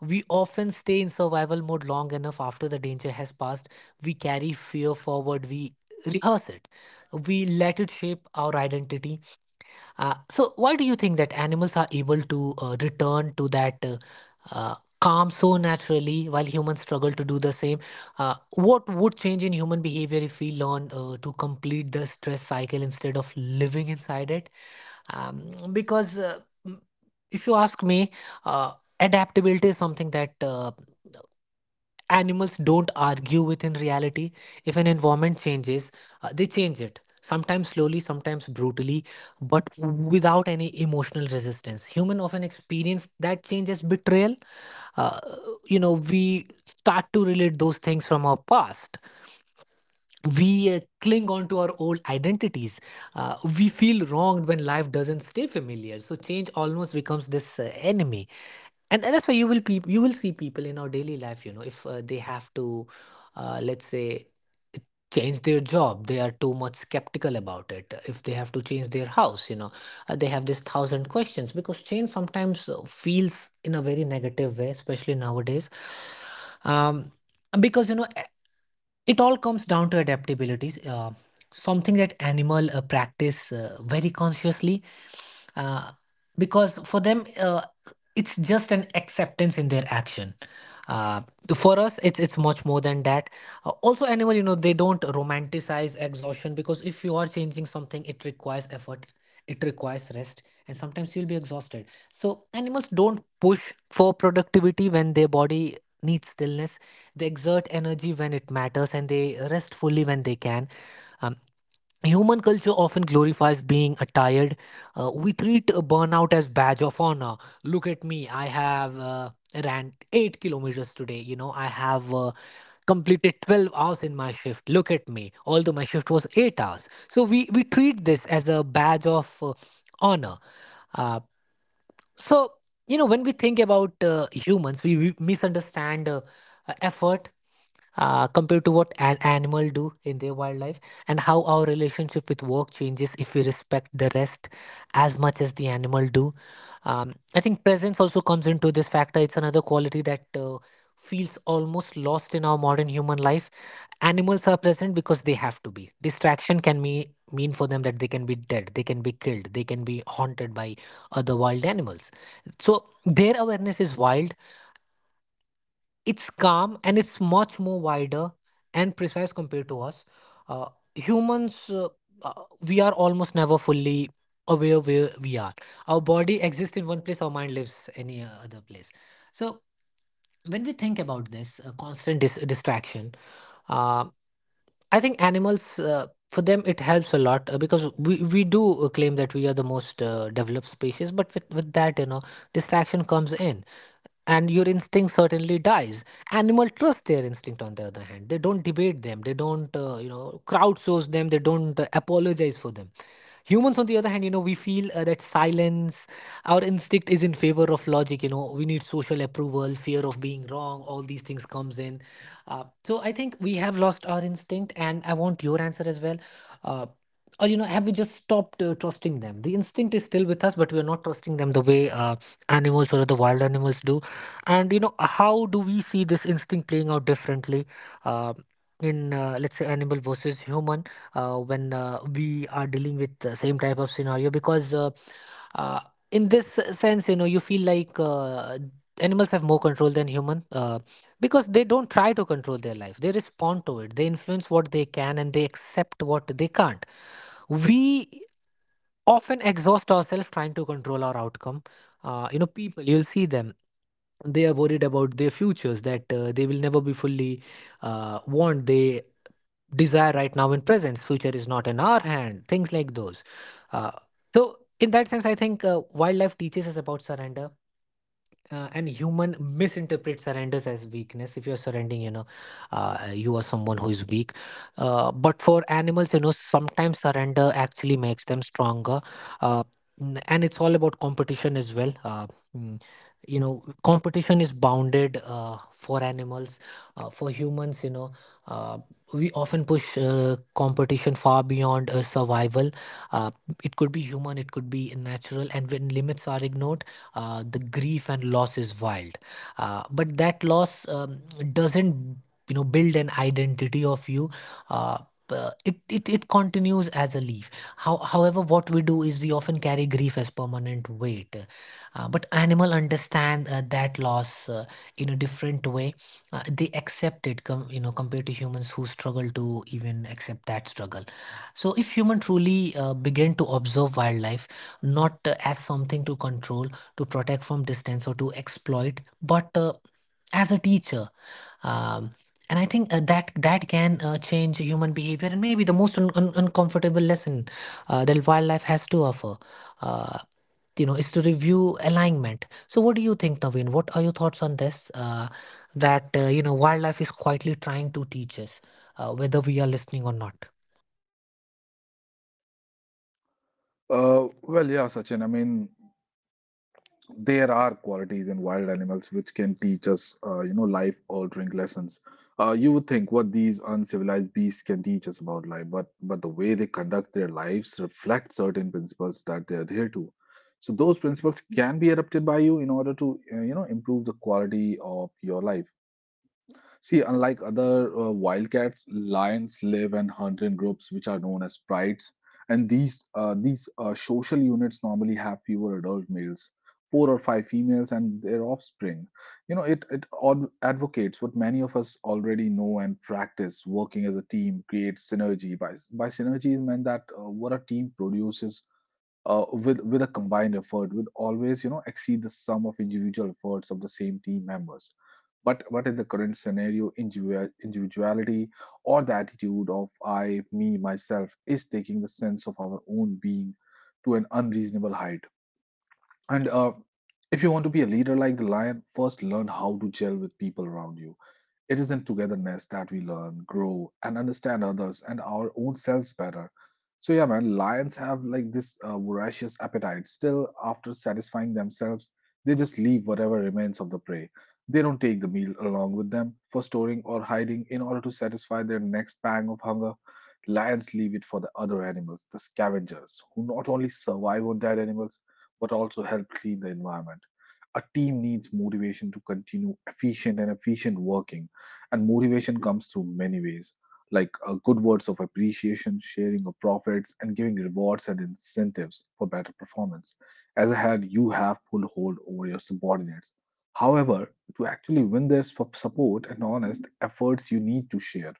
S1: we often stay in survival mode long enough after the danger has passed. We carry fear forward, we rehearse it, we let it shape our identity. Uh, so, why do you think that animals are able to uh, return to that uh, uh, calm so naturally while humans struggle to do the same? Uh, what would change in human behavior if we learn uh, to complete the stress cycle instead of living inside it? um, because uh, m- if you ask me, uh, adaptability is something that uh, animals don't argue with in reality. If an environment changes, uh, they change it, sometimes slowly, sometimes brutally, but without any emotional resistance. Human often experience that change as betrayal. Uh, you know, we start to relate those things from our past, we uh, cling on to our old identities. Uh, we feel wronged when life doesn't stay familiar. So change almost becomes this uh, enemy, and, and that's why you will pe- you will see people in our daily life. You know, if uh, they have to, uh, let's say, change their job, they are too much skeptical about it. If they have to change their house, you know, uh, they have this thousand questions because change sometimes uh, feels in a very negative way, especially nowadays. Um, because you know, it all comes down to adaptability, uh, something that animal uh, practice uh, very consciously, uh, because for them, uh, it's just an acceptance in their action. uh, for us, it's it's much more than that. Uh, also animal, you know, they don't romanticize exhaustion, because if you are changing something, it requires effort, it requires rest, and sometimes you'll be exhausted. So animals don't push for productivity when their body need stillness. They exert energy when it matters, and they rest fully when they can. Um, human culture often glorifies being uh, tired. Uh, we treat uh, burnout as badge of honor. Look at me, I have uh, ran eight kilometers today. You know, I have uh, completed twelve hours in my shift. Look at me, although my shift was eight hours. So we, we treat this as a badge of uh, honor. Uh, so, you know, when we think about uh, humans, we, we misunderstand uh, uh, effort uh, compared to what an animal do in their wildlife, and how our relationship with work changes if we respect the rest as much as the animal do. Um, I think presence also comes into this factor. It's another quality that uh, feels almost lost in our modern human life. Animals are present because they have to be. Distraction can me mean for them that they can be dead, they can be killed, they can be haunted by other wild animals. So their awareness is wild. It's calm and it's much more wider and precise compared to us. uh, Humans, uh, uh, we are almost never fully aware where we are. Our body exists in one place, our mind lives any uh, other place. So when we think about this uh, constant dis- distraction, uh, I think animals, uh, for them, it helps a lot, uh, because we, we do uh, claim that we are the most uh, developed species, but with, with that, you know, distraction comes in and your instinct certainly dies. Animal trust their instinct on the other hand. They don't debate them, they don't, uh, you know, crowdsource them, they don't uh, apologize for them. Humans, on the other hand, you know, we feel uh, that silence, our instinct is in favor of logic. You know, we need social approval, fear of being wrong, all these things comes in. Uh, so I think we have lost our instinct, and I want your answer as well. Uh, or you know, have we just stopped uh, trusting them? The instinct is still with us, but we are not trusting them the way uh, animals or the wild animals do. And you know, how do we see this instinct playing out differently? Uh, in, uh, let's say, animal versus human, uh, when uh, we are dealing with the same type of scenario? Because uh, uh, in this sense, you know, you feel like uh, animals have more control than human, uh, because they don't try to control their life, they respond to it, they influence what they can and they accept what they can't. We often exhaust ourselves trying to control our outcome. Uh, you know, people, you'll see them, they are worried about their futures, that uh, they will never be fully uh, want, they desire right now in presence, future is not in our hand, things like those. Uh, so in that sense, I think uh, wildlife teaches us about surrender. Uh, and human misinterpret surrenders as weakness. If you're surrendering, you know, uh, you are someone who is weak. Uh, but for animals, you know, sometimes surrender actually makes them stronger. Uh, n- and it's all about competition as well. uh, mm, you know, competition is bounded uh, for animals. Uh, for humans, you know, uh, we often push uh, competition far beyond uh, survival. Uh, it could be human, it could be natural, and when limits are ignored, uh, the grief and loss is wild. Uh, but that loss, um, doesn't, you know, build an identity of you. Uh, uh, it, it it continues as a leaf. How, however, what we do is we often carry grief as permanent weight. Uh, but animal understand uh, that loss uh, in a different way. Uh, they accept it com- you know, compared to humans who struggle to even accept that struggle. So if human truly uh, begin to observe wildlife, not uh, as something to control, to protect from distance or to exploit, but uh, as a teacher. Um, and I think uh, that that can uh, change human behavior. And maybe the most un- un- uncomfortable lesson uh, that wildlife has to offer, uh, you know, is to review alignment. So what do you think, Naveen? What are your thoughts on this, uh, that uh, you know, wildlife is quietly trying to teach us uh, whether we are listening or not?
S2: Uh, well, yeah, Sachin. I mean, there are qualities in wild animals which can teach us, uh, you know, life-altering lessons. Uh, you would think what these uncivilized beasts can teach us about life, but but the way they conduct their lives reflect certain principles that they adhere to. So those principles can be adopted by you in order to, uh, you know, improve the quality of your life. See, unlike other uh, wildcats, lions live and hunt in groups, which are known as prides. And these uh, these uh, social units normally have fewer adult males, four or five females, and their offspring. You know, it it ad- advocates what many of us already know and practice: working as a team creates synergy. By by synergy is meant that uh, what a team produces uh, with with a combined effort would always you know exceed the sum of individual efforts of the same team members. But but in the current scenario, individual individuality or the attitude of I me myself is taking the sense of our own being to an unreasonable height. And uh, if you want to be a leader like the lion, first learn how to gel with people around you. It is in togetherness that we learn, grow, and understand others and our own selves better. So yeah, man, lions have like this uh, voracious appetite. Still, after satisfying themselves, they just leave whatever remains of the prey. They don't take the meal along with them for storing or hiding in order to satisfy their next pang of hunger. Lions leave it for the other animals, the scavengers, who not only survive on dead animals but also help clean the environment. A team needs motivation to continue efficient and efficient working, and motivation comes through many ways, like uh, good words of appreciation, sharing of profits, and giving rewards and incentives for better performance. As a head, you have full hold over your subordinates. However, to actually win their sup- support and honest efforts, you need to share.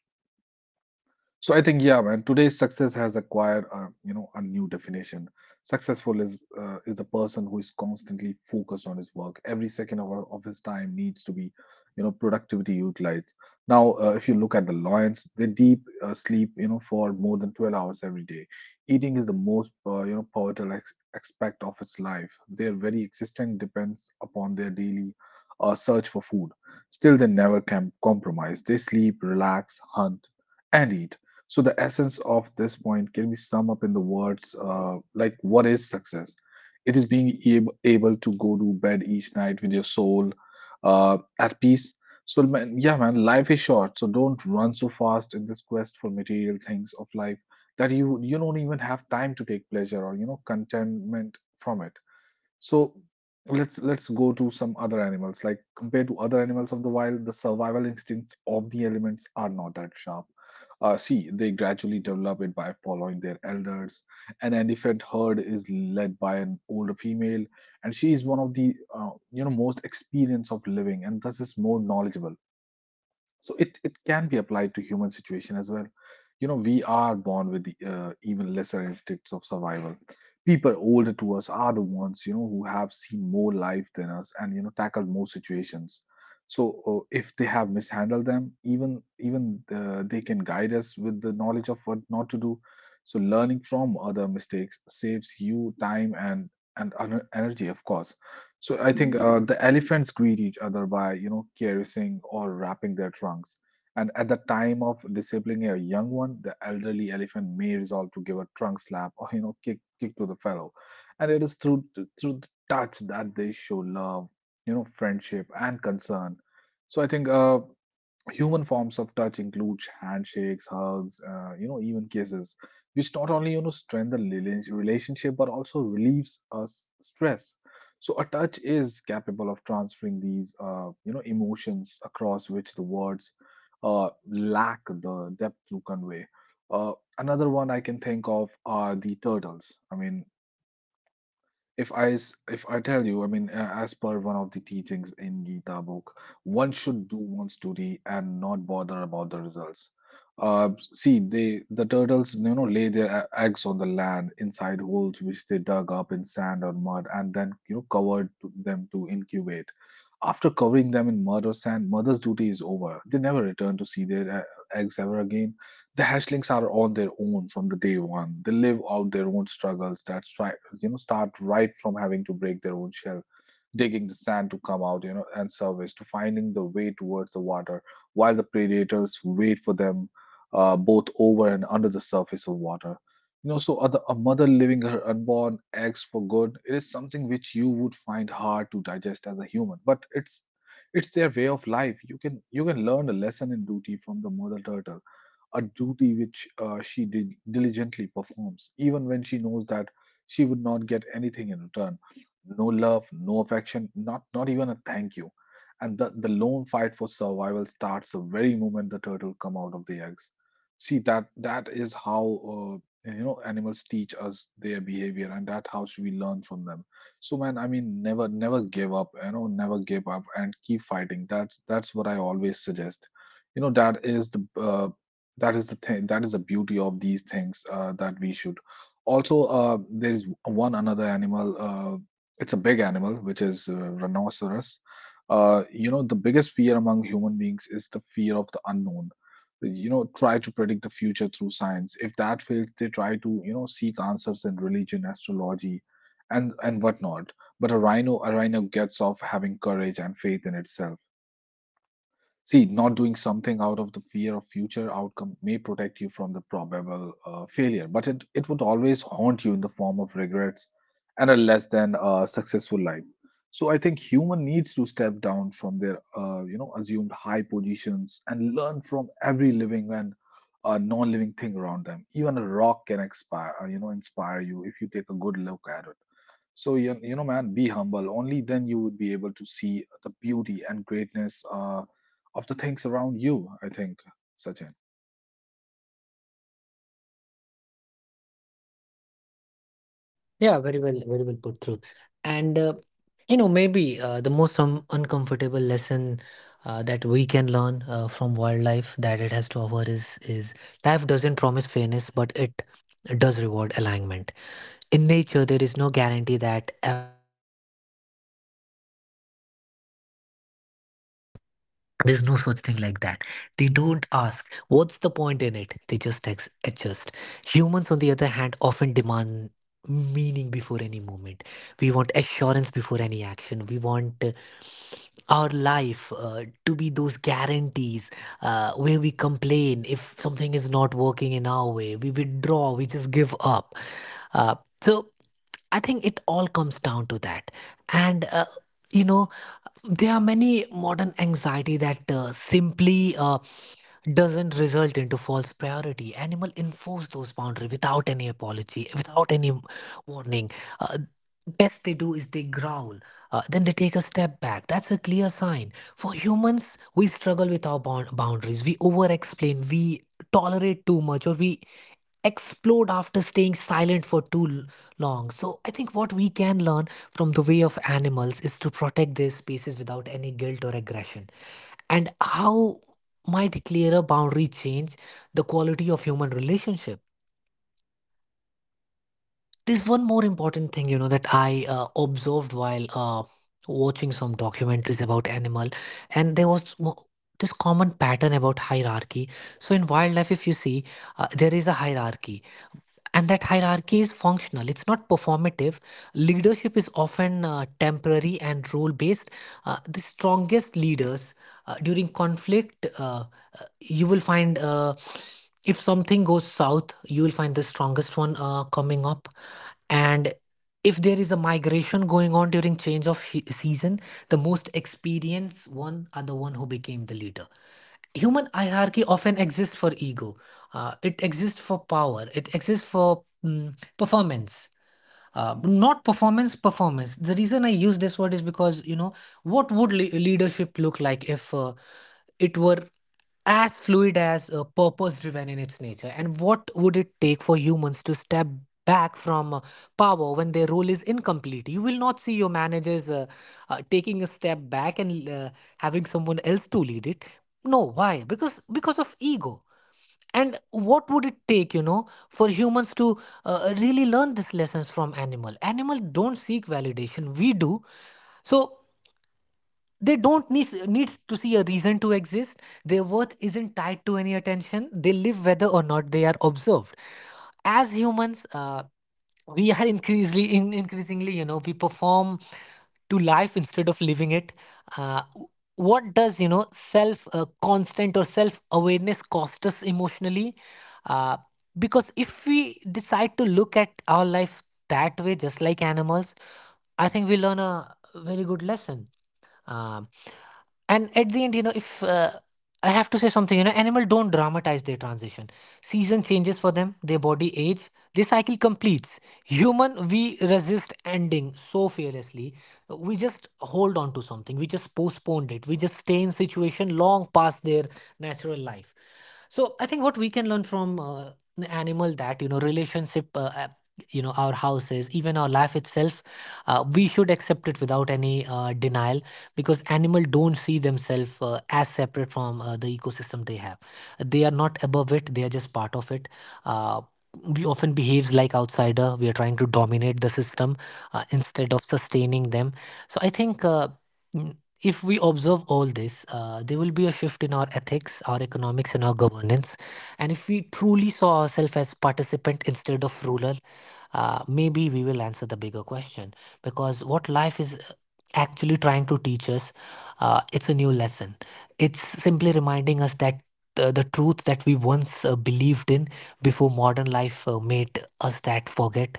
S2: So I think, yeah, man, today's success has acquired, uh, you know, a new definition. Successful is uh, is a person who is constantly focused on his work. Every second of, of his time needs to be, you know, productivity utilized. Now, uh, if you look at the lions, they deep uh, sleep, you know, for more than twelve hours every day. Eating is the most, uh, you know, pivotal ex- aspect of its life. Their very existence depends upon their daily uh, search for food. Still, they never can compromise. They sleep, relax, hunt, and eat. So the essence of this point can be summed up in the words uh, like, what is success? It is being ab- able to go to bed each night with your soul uh, at peace. So, man, yeah, man, life is short, so don't run so fast in this quest for material things of life that you you don't even have time to take pleasure or you know contentment from it. So let's let's go to some other animals. Like compared to other animals of the wild, the survival instincts of the elements are not that sharp. Uh, see, they gradually develop it by following their elders. An elephant herd is led by an older female, and she is one of the uh, you know most experienced of living, and thus is more knowledgeable. So it it can be applied to human situation as well. You know, we are born with the, uh, even lesser instincts of survival. People older to us are the ones you know who have seen more life than us and you know tackled more situations. So uh, if they have mishandled them, even even uh, they can guide us with the knowledge of what not to do. So learning from other mistakes saves you time and and ener- energy, of course. So I think uh, the elephants greet each other by, you know, caressing or wrapping their trunks. And at the time of disciplining a young one, the elderly elephant may resolve to give a trunk slap or, you know, kick kick to the fellow. And it is through through the touch that they show love, you know, friendship and concern. So I think uh, human forms of touch include handshakes, hugs, uh, you know, even kisses, which not only you know strengthen the rela- relationship but also relieves us stress. So a touch is capable of transferring these uh, you know emotions across which the words uh, lack the depth to convey. Uh, another one I can think of are the turtles. I mean, if I s- if I tell you, I mean, a- as per one of the teachings in Gita book, one should do one's duty and not bother about the results. Uh, see, they the turtles, you know, lay their e- eggs on the land inside holes which they dug up in sand or mud, and then you know covered to them to incubate. After covering them in mud or sand, mother's duty is over. They never return to see their uh, eggs ever again. The hatchlings are on their own from the day one. They live out their own struggles that stri- you know start right from having to break their own shell, digging the sand to come out, you know, and surface to finding the way towards the water, while the predators wait for them uh, both over and under the surface of water. You know, so other, a mother leaving her unborn eggs for good, it is something which you would find hard to digest as a human, but it's it's their way of life. You can you can learn a lesson in duty from the mother turtle, a duty which uh, she did diligently performs, even when she knows that she would not get anything in return, no love, no affection, not, not even a thank you. And the, the lone fight for survival starts the very moment the turtle come out of the eggs. See, that that is how uh, you know animals teach us their behavior, and that how should we learn from them. So man, I mean, never never give up. You know, never give up and keep fighting. That's that's what I always suggest. You know, that is the uh, that is the thing, that is the beauty of these things, uh, that we should also. Uh, there's one another animal, uh, it's a big animal which is uh, rhinoceros. Uh, you know, the biggest fear among human beings is the fear of the unknown. You know, try to predict the future through science, if that fails they try to, you know, seek answers in religion, astrology, and and whatnot. But a rhino a rhino gets off having courage and faith in itself. See, not doing something out of the fear of future outcome may protect you from the probable uh, failure, but it, it would always haunt you in the form of regrets and a less than uh, successful life. So I think human needs to step down from their uh, you know assumed high positions and learn from every living and uh, non-living thing around them. Even a rock can expire, uh, you know, inspire you if you take a good look at it. So you, you know, man, be humble. Only then you would be able to see the beauty and greatness Uh, of the things around you, I think, Sachin.
S1: Yeah, very well, very well put through. And uh, you know, maybe uh, the most um, uncomfortable lesson uh, that we can learn uh, from wildlife that it has to offer is is life doesn't promise fairness, but it does reward alignment. In nature, there is no guarantee that— there's no such thing like that. They don't ask, what's the point in it? They just ex- adjust. Humans, on the other hand, often demand meaning before any movement. We want assurance before any action. We want uh, our life uh, to be those guarantees uh, where we complain. If something is not working in our way, we withdraw, we just give up. uh, so I think it all comes down to that. And uh, you know there are many modern anxiety that uh, simply uh, doesn't result into false priority. Animal enforce those boundaries without any apology, without any warning. uh, Best they do is they growl, uh, then they take a step back. That's a clear sign. For humans, we struggle with our bound- boundaries, we over explain, we tolerate too much, or we explode after staying silent for too l- long. So I think what we can learn from the way of animals is to protect their spaces without any guilt or aggression. And how might clearer boundary change the quality of human relationship? This one more important thing, you know, that I uh, observed while uh, watching some documentaries about animal, and there was w- this common pattern about hierarchy. So in wildlife, if you see, uh, there is a hierarchy. And that hierarchy is functional, it's not performative. Leadership is often uh, temporary and role based. Uh, the strongest leaders, uh, during conflict, uh, uh, you will find uh, if something goes south, you will find the strongest one uh, coming up. And if there is a migration going on during change of she- season, the most experienced one are the one who became the leader. Human hierarchy often exists for ego. Uh, it exists for power, it exists for mm, performance. Uh, but not performance, performance, the reason I use this word is because, you know, what would le- leadership look like if uh, it were as fluid as, uh, purpose driven in its nature. And what would it take for humans to step back from uh, power when their role is incomplete? You will not see your managers uh, uh, taking a step back and uh, having someone else to lead it. No. Why? Because because of ego. And what would it take, you know, for humans to uh, really learn these lessons from animal? Animal don't seek validation, we do. So they don't need, need to see a reason to exist. Their worth isn't tied to any attention. They live whether or not they are observed. As humans, uh, we are increasingly, in, increasingly, you know, we perform to life instead of living it. Uh, w- what does, you know self uh, constant or self awareness cost us emotionally? Uh, because if we decide to look at our life that way, just like animals, I think we learn a very good lesson. um, and at the end, you know, if uh, I have to say something, you know, animal don't dramatize their transition. Season changes for them, their body age, the cycle completes. Human, we resist ending so fearlessly, we just hold on to something, we just postponed it, we just stay in situation long past their natural life. So I think what we can learn from uh, an animal that, you know, relationship uh, uh, you know our houses, even our life itself, uh, we should accept it without any uh, denial. Because animal don't see themselves uh, as separate from uh, the ecosystem they have. They are not above it, they are just part of it. uh, we often behaves like outsider, we are trying to dominate the system uh, instead of sustaining them. So I think, uh, Mm, if we observe all this, uh, there will be a shift in our ethics, our economics, and our governance. And if we truly saw ourselves as participant instead of ruler, uh, maybe we will answer the bigger question. Because what life is uh, actually trying to teach us, uh, it's a new lesson. It's simply reminding us that uh, the truth that we once uh, believed in before modern life uh, made us that forget.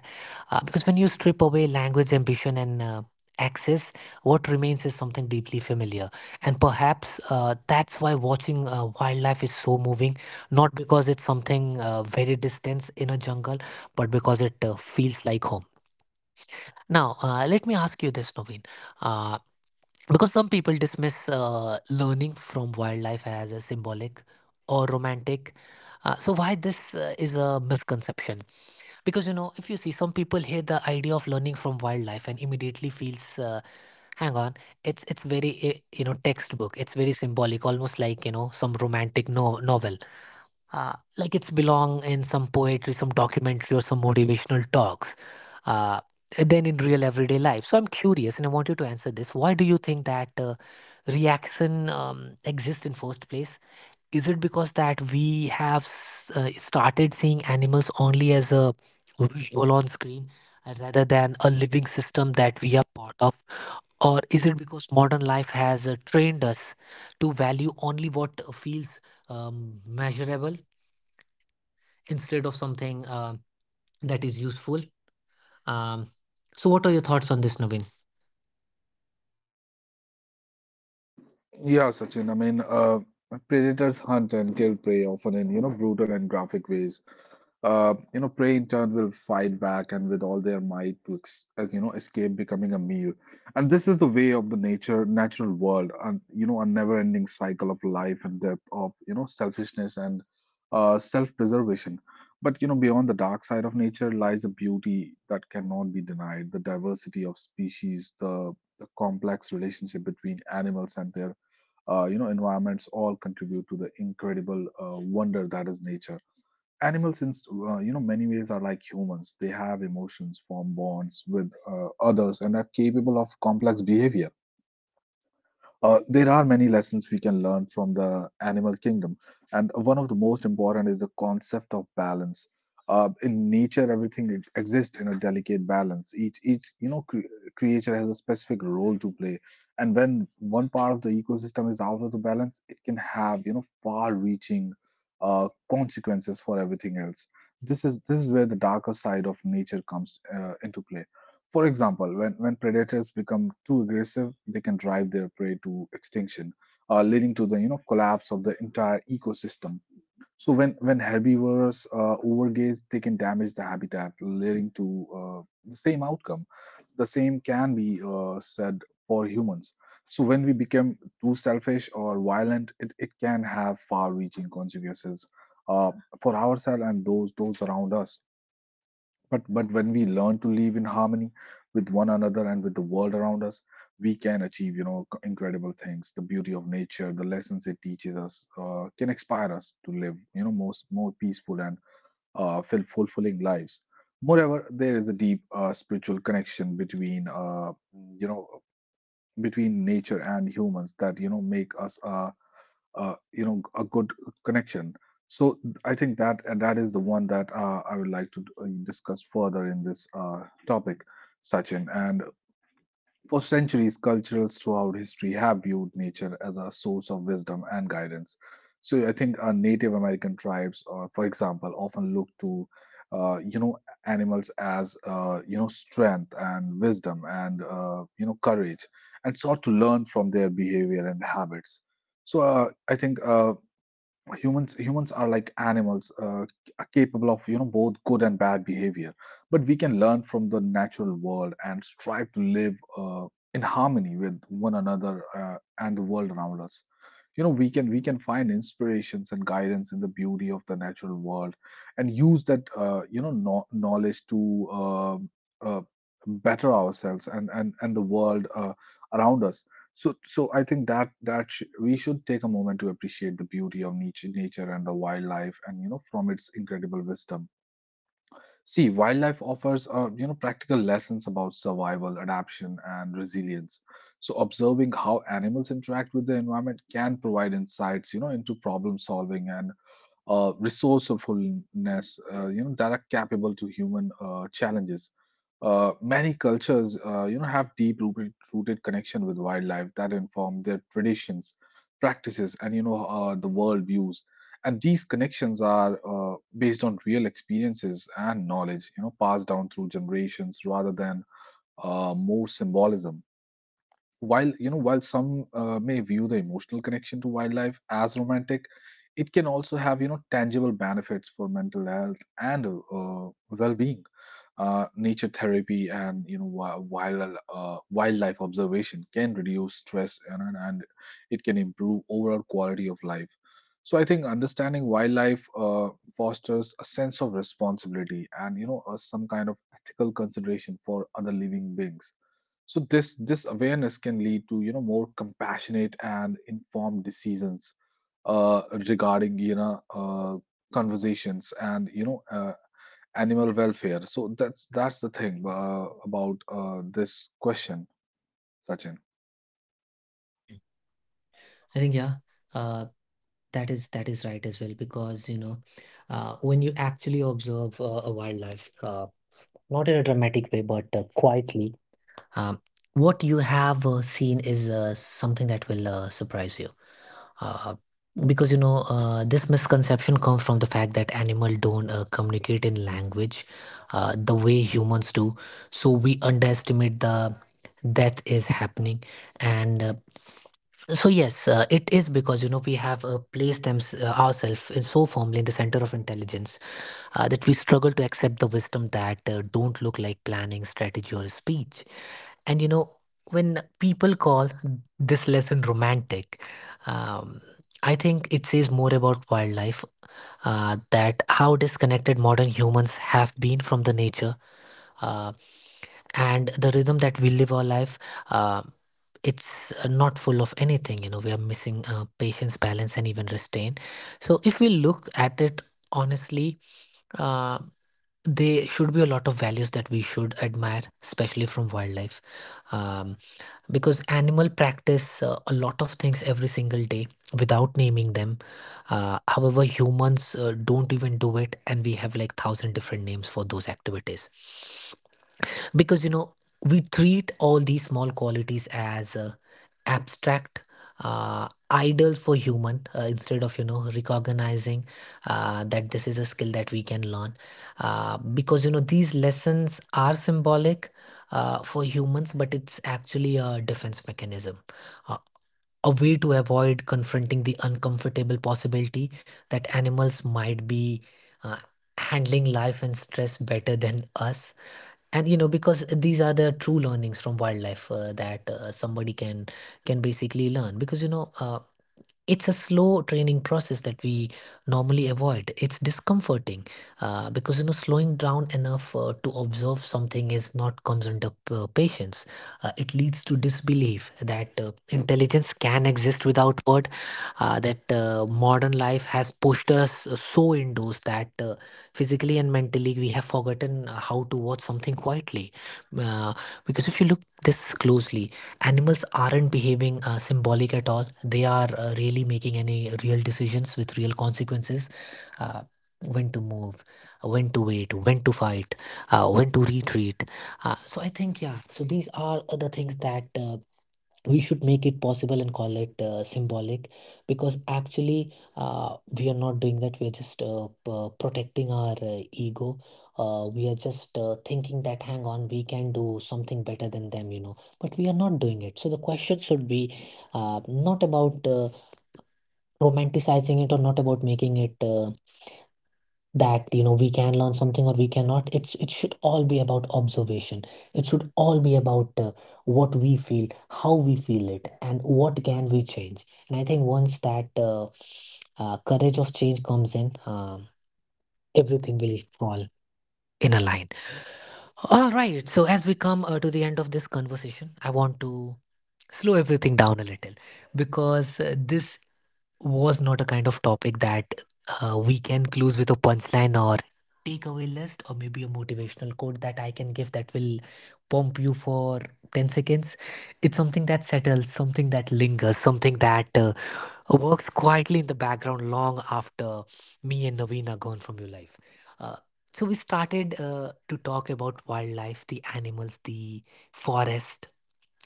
S1: Uh, because when you strip away language, ambition, and uh, access, what remains is something deeply familiar, and perhaps uh, that's why watching uh, wildlife is so moving. Not because it's something uh, very distant in a jungle, but because it uh, feels like home. Now, uh, let me ask you this, Naveen. Uh, because some people dismiss uh, learning from wildlife as a symbolic or romantic. Uh, so why this uh, is a misconception? Because, you know, if you see, some people hear the idea of learning from wildlife and immediately feels, uh, hang on, it's it's very eh, you know, textbook, it's very symbolic, almost like, you know, some romantic no- novel, uh, like it's belong in some poetry, some documentary, or some motivational talks, uh, then in real everyday life. So I'm curious, and I want you to answer this. Why do you think that uh, reaction um, exists in first place? Is it because that we have uh, started seeing animals only as a visual on screen, uh, rather than a living system that we are part of? Or is it because modern life has uh, trained us to value only what uh, feels um, measurable, instead of something uh, that is useful? um, so what are your thoughts on this, Naveen?
S2: Yeah, Sachin. I mean, uh, predators hunt and kill prey often in, you know, brutal and graphic ways. Uh, you know, prey in turn will fight back and with all their might to, ex as you know, escape becoming a meal. And this is the way of the nature, natural world, and you know, a never-ending cycle of life and death, of, you know, selfishness and uh, self-preservation. But you know, beyond the dark side of nature lies a beauty that cannot be denied, the diversity of species, the the complex relationship between animals and their uh, you know environments all contribute to the incredible uh, wonder that is nature. Animals in, uh, you know, many ways are like humans. They have emotions, form bonds with uh, others, and are capable of complex behavior. Uh, there are many lessons we can learn from the animal kingdom, and one of the most important is the concept of balance. Uh, in nature, everything e-, exists in a delicate balance. Each each you know cre- creature has a specific role to play, and when one part of the ecosystem is out of the balance, it can have you know far-reaching uh, consequences for everything else. This is this is where the darker side of nature comes uh, into play. For example, when, when predators become too aggressive, they can drive their prey to extinction, uh, leading to the you know collapse of the entire ecosystem. So when when herbivores uh, overgaze, they can damage the habitat, leading to uh, the same outcome. The same can be uh, said for humans. So when we become too selfish or violent, it, it can have far-reaching consequences uh, for ourselves and those those around us. But but when we learn to live in harmony with one another and with the world around us, we can achieve, you know, c- incredible things. The beauty of nature, the lessons it teaches us, uh, can inspire us to live, you know, most more peaceful and uh, ful- fulfilling lives. Moreover, there is a deep uh, spiritual connection between, uh, you know, between nature and humans that you know make us uh, uh, you know a good connection. So I think that, and that is the one that uh, I would like to uh, discuss further in this uh, topic, Sachin. And for centuries, cultures throughout history have viewed nature as a source of wisdom and guidance. So I think uh, Native American tribes, uh, for example, often look to uh, you know animals as, uh, you know, strength and wisdom and, uh, you know, courage, and sought to learn from their behavior and habits. So uh, I think uh, humans humans are like animals. Uh, c- are capable of you know both good and bad behavior, but we can learn from the natural world and strive to live uh, in harmony with one another uh, and the world around us. You know, we can we can find inspirations and guidance in the beauty of the natural world and use that, uh, you know, no- knowledge to uh, uh, better ourselves and and and the world uh, around us. So, so I think that that sh we should take a moment to appreciate the beauty of nature, nature and the wildlife, and you know, from its incredible wisdom. See, wildlife offers uh, you know practical lessons about survival, adaptation, and resilience. So, observing how animals interact with the environment can provide insights, you know, into problem solving and uh, resourcefulness, uh, you know, that are capable to human uh, challenges. Uh, many cultures, uh, you know, have deep rooted, rooted connection with wildlife that inform their traditions, practices, and you know, uh, the world views. And these connections are uh, based on real experiences and knowledge, you know, passed down through generations rather than uh, more symbolism. While you know, while some uh, may view the emotional connection to wildlife as romantic, it can also have you know tangible benefits for mental health and uh, well-being. Uh, nature therapy and you know wi- wild uh, wildlife observation can reduce stress, and, and and it can improve overall quality of life. So I think understanding wildlife uh, fosters a sense of responsibility and you know uh, some kind of ethical consideration for other living beings. So this this awareness can lead to you know more compassionate and informed decisions uh, regarding you know uh, conversations and you know uh, animal welfare. So that's that's the thing uh, about uh, this question, Sachin.
S1: I think, yeah, uh, that is, that is right as well, because, you know, uh, when you actually observe uh, a wildlife, uh, not in a dramatic way, but uh, quietly. Um, what you have uh, seen is uh, something that will uh, surprise you. Uh, because, you know, uh, this misconception comes from the fact that animals don't uh, communicate in language uh, the way humans do. So we underestimate the that is happening. And uh, so yes, uh, it is because, you know, we have uh, placed them, uh, ourselves in so firmly in the center of intelligence, uh, that we struggle to accept the wisdom that uh, don't look like planning, strategy, or speech. And, you know, when people call this lesson romantic, um, I think it says more about wildlife, uh, that how disconnected modern humans have been from the nature uh, and the rhythm that we live our life. Uh, it's uh, not full of anything, you know. We are missing uh, patience, balance, and even restraint. So if we look at it honestly, uh, there should be a lot of values that we should admire, especially from wildlife, um, because animal practice uh, a lot of things every single day without naming them. Uh, however, humans uh, don't even do it, and we have like thousand different names for those activities. Because, you know, we treat all these small qualities as uh, abstract uh, idle for human, uh, instead of, you know, recognizing uh, that this is a skill that we can learn. Uh, because, you know, these lessons are symbolic uh, for humans, but it's actually a defense mechanism. Uh, a way to avoid confronting the uncomfortable possibility that animals might be uh, handling life and stress better than us. And, you know, because these are the true learnings from wildlife uh, that uh, somebody can can basically learn. Because, you know, uh, it's a slow training process that we normally avoid. It's discomforting uh, because, you know, slowing down enough uh, to observe something is not comes under uh, patience. Uh, it leads to disbelief that uh, intelligence can exist without word. Uh, that uh, modern life has pushed us so indoors that uh, physically and mentally we have forgotten how to watch something quietly. Uh, because if you look this closely, animals aren't behaving uh, symbolic at all, they are uh, really making any real decisions with real consequences. uh, when to move, when to wait, when to fight, uh, when to retreat. Uh, so I think, yeah, so these are the things that uh, we should make it possible and call it uh, symbolic. Because actually uh, we are not doing that, we are just uh, p- protecting our uh, ego. Uh, we are just uh, thinking that, hang on, we can do something better than them, you know. But we are not doing it. So the question should be, uh, not about uh, romanticizing it, or not about making it uh, that, you know, we can learn something or we cannot. It's, it should all be about observation. It should all be about uh, what we feel, how we feel it, and what can we change. And I think once that uh, uh, courage of change comes in, um, everything will fall in a line. All right, so as we come uh, to the end of this conversation, I want to slow everything down a little, because uh, this was not a kind of topic that uh, we can close with a punchline or takeaway list, or maybe a motivational quote that I can give that will pump you for ten seconds. It's something that settles, something that lingers, something that uh, works quietly in the background long after me and Naveen are gone from your life. Uh, so we started uh, to talk about wildlife, the animals, the forest,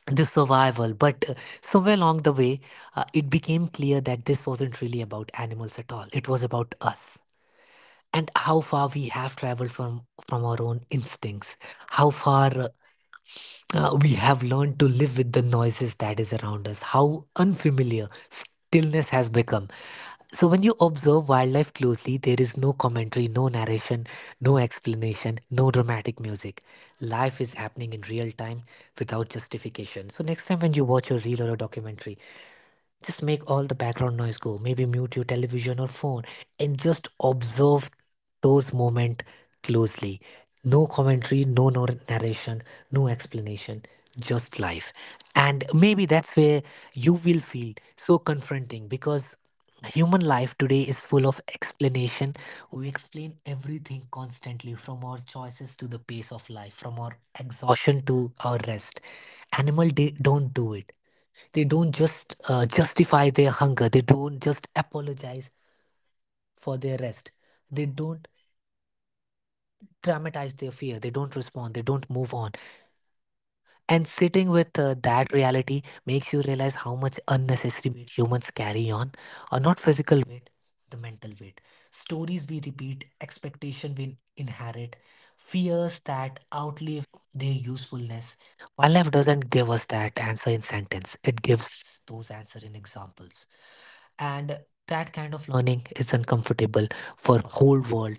S1: the survival, but uh, somewhere along the way uh, it became clear that this wasn't really about animals at all. It was about us and how far we have traveled from from our own instincts, how far uh, uh, we have learned to live with the noises that is around us, how unfamiliar stillness has become. So, when you observe wildlife closely, there is no commentary, no narration, no explanation, no dramatic music. Life is happening in real time without justification. So, next time when you watch a reel or a documentary, just make all the background noise go. Maybe mute your television or phone and just observe those moments closely. No commentary, no, no narration, no explanation, just life. And maybe that's where you will feel so confronting, because human life today is full of explanation. We explain everything constantly, from our choices to the pace of life, from our exhaustion to our rest. Animal de- don't do it. They don't just uh, justify their hunger. They don't just apologize for their rest. They don't dramatize their fear. They don't respond. They don't move on. And sitting with uh, that reality makes you realize how much unnecessary weight humans carry on, or not physical weight, the mental weight. Stories we repeat, expectation we inherit, fears that outlive their usefulness. Wildlife doesn't give us that answer in sentence. It gives those answer in examples, and that kind of learning is uncomfortable for whole world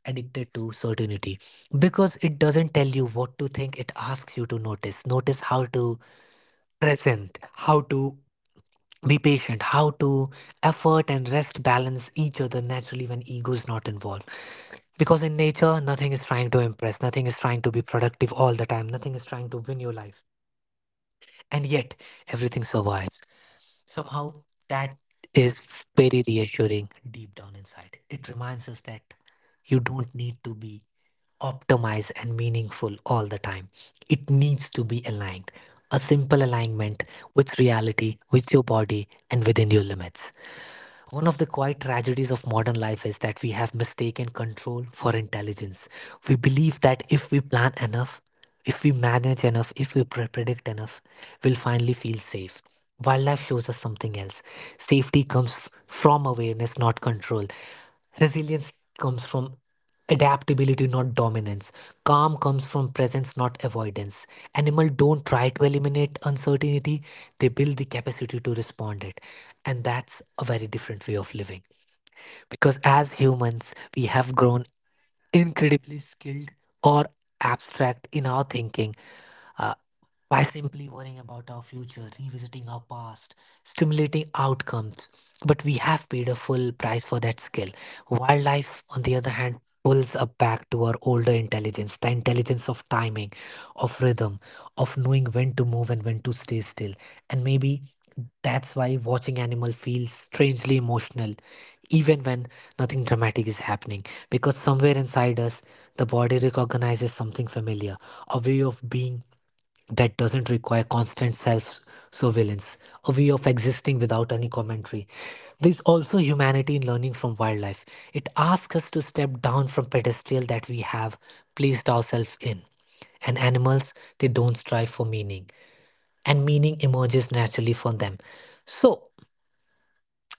S1: addicted to certainty, because it doesn't tell you what to think, it asks you to notice. Notice how to present, how to be patient, how to effort and rest balance each other naturally when ego is not involved. Because in nature, nothing is trying to impress, nothing is trying to be productive all the time, nothing is trying to win your life, and yet everything survives. Somehow, that is very reassuring deep down inside. It reminds us that you don't need to be optimized and meaningful all the time. It needs to be aligned. A simple alignment with reality, with your body, and within your limits. One of the quiet tragedies of modern life is that we have mistaken control for intelligence. We believe that if we plan enough, if we manage enough, if we pre- predict enough, we'll finally feel safe. Wildlife shows us something else. Safety comes f- from awareness, not control. Resilience comes from adaptability, not dominance. Calm comes from presence, not avoidance. Animals don't try to eliminate uncertainty, they build the capacity to respond it. And that's a very different way of living. Because as humans, we have grown incredibly skilled or abstract in our thinking. Uh, by simply worrying about our future, revisiting our past, stimulating outcomes. But we have paid a full price for that skill. Wildlife, on the other hand, pulls us back to our older intelligence, the intelligence of timing, of rhythm, of knowing when to move and when to stay still. And maybe that's why watching animal feels strangely emotional, even when nothing dramatic is happening. Because somewhere inside us, the body recognizes something familiar, a way of being that doesn't require constant self surveillance, a way of existing without any commentary. There's also humanity in learning from wildlife. It asks us to step down from pedestal that we have placed ourselves in. And animals, they don't strive for meaning, and meaning emerges naturally for them. So,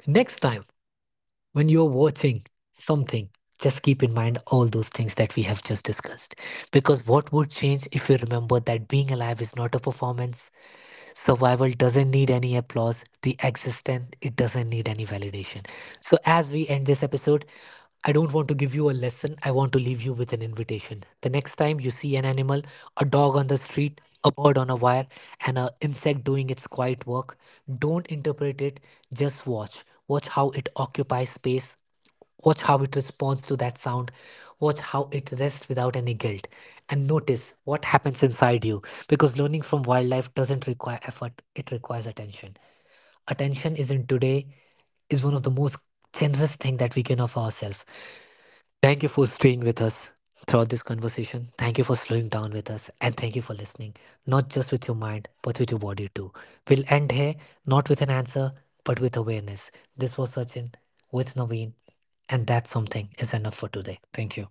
S1: next time when you're watching something, just keep in mind all those things that we have just discussed. Because what would change if you remember that being alive is not a performance? Survival doesn't need any applause. The existence, it doesn't need any validation. So, as we end this episode, I don't want to give you a lesson. I want to leave you with an invitation. The next time you see an animal, a dog on the street, a bird on a wire, and an insect doing its quiet work, don't interpret it. Just watch. Watch how it occupies space. Watch how it responds to that sound. Watch how it rests without any guilt. And notice what happens inside you. Because learning from wildlife doesn't require effort, it requires attention. Attention is, in today, is one of the most generous thing that we can offer ourselves. Thank you for staying with us throughout this conversation. Thank you for slowing down with us. And thank you for listening, not just with your mind, but with your body too. We'll end here, not with an answer, but with awareness. This was Sachin with Naveen. And that something is enough for today. Thank you.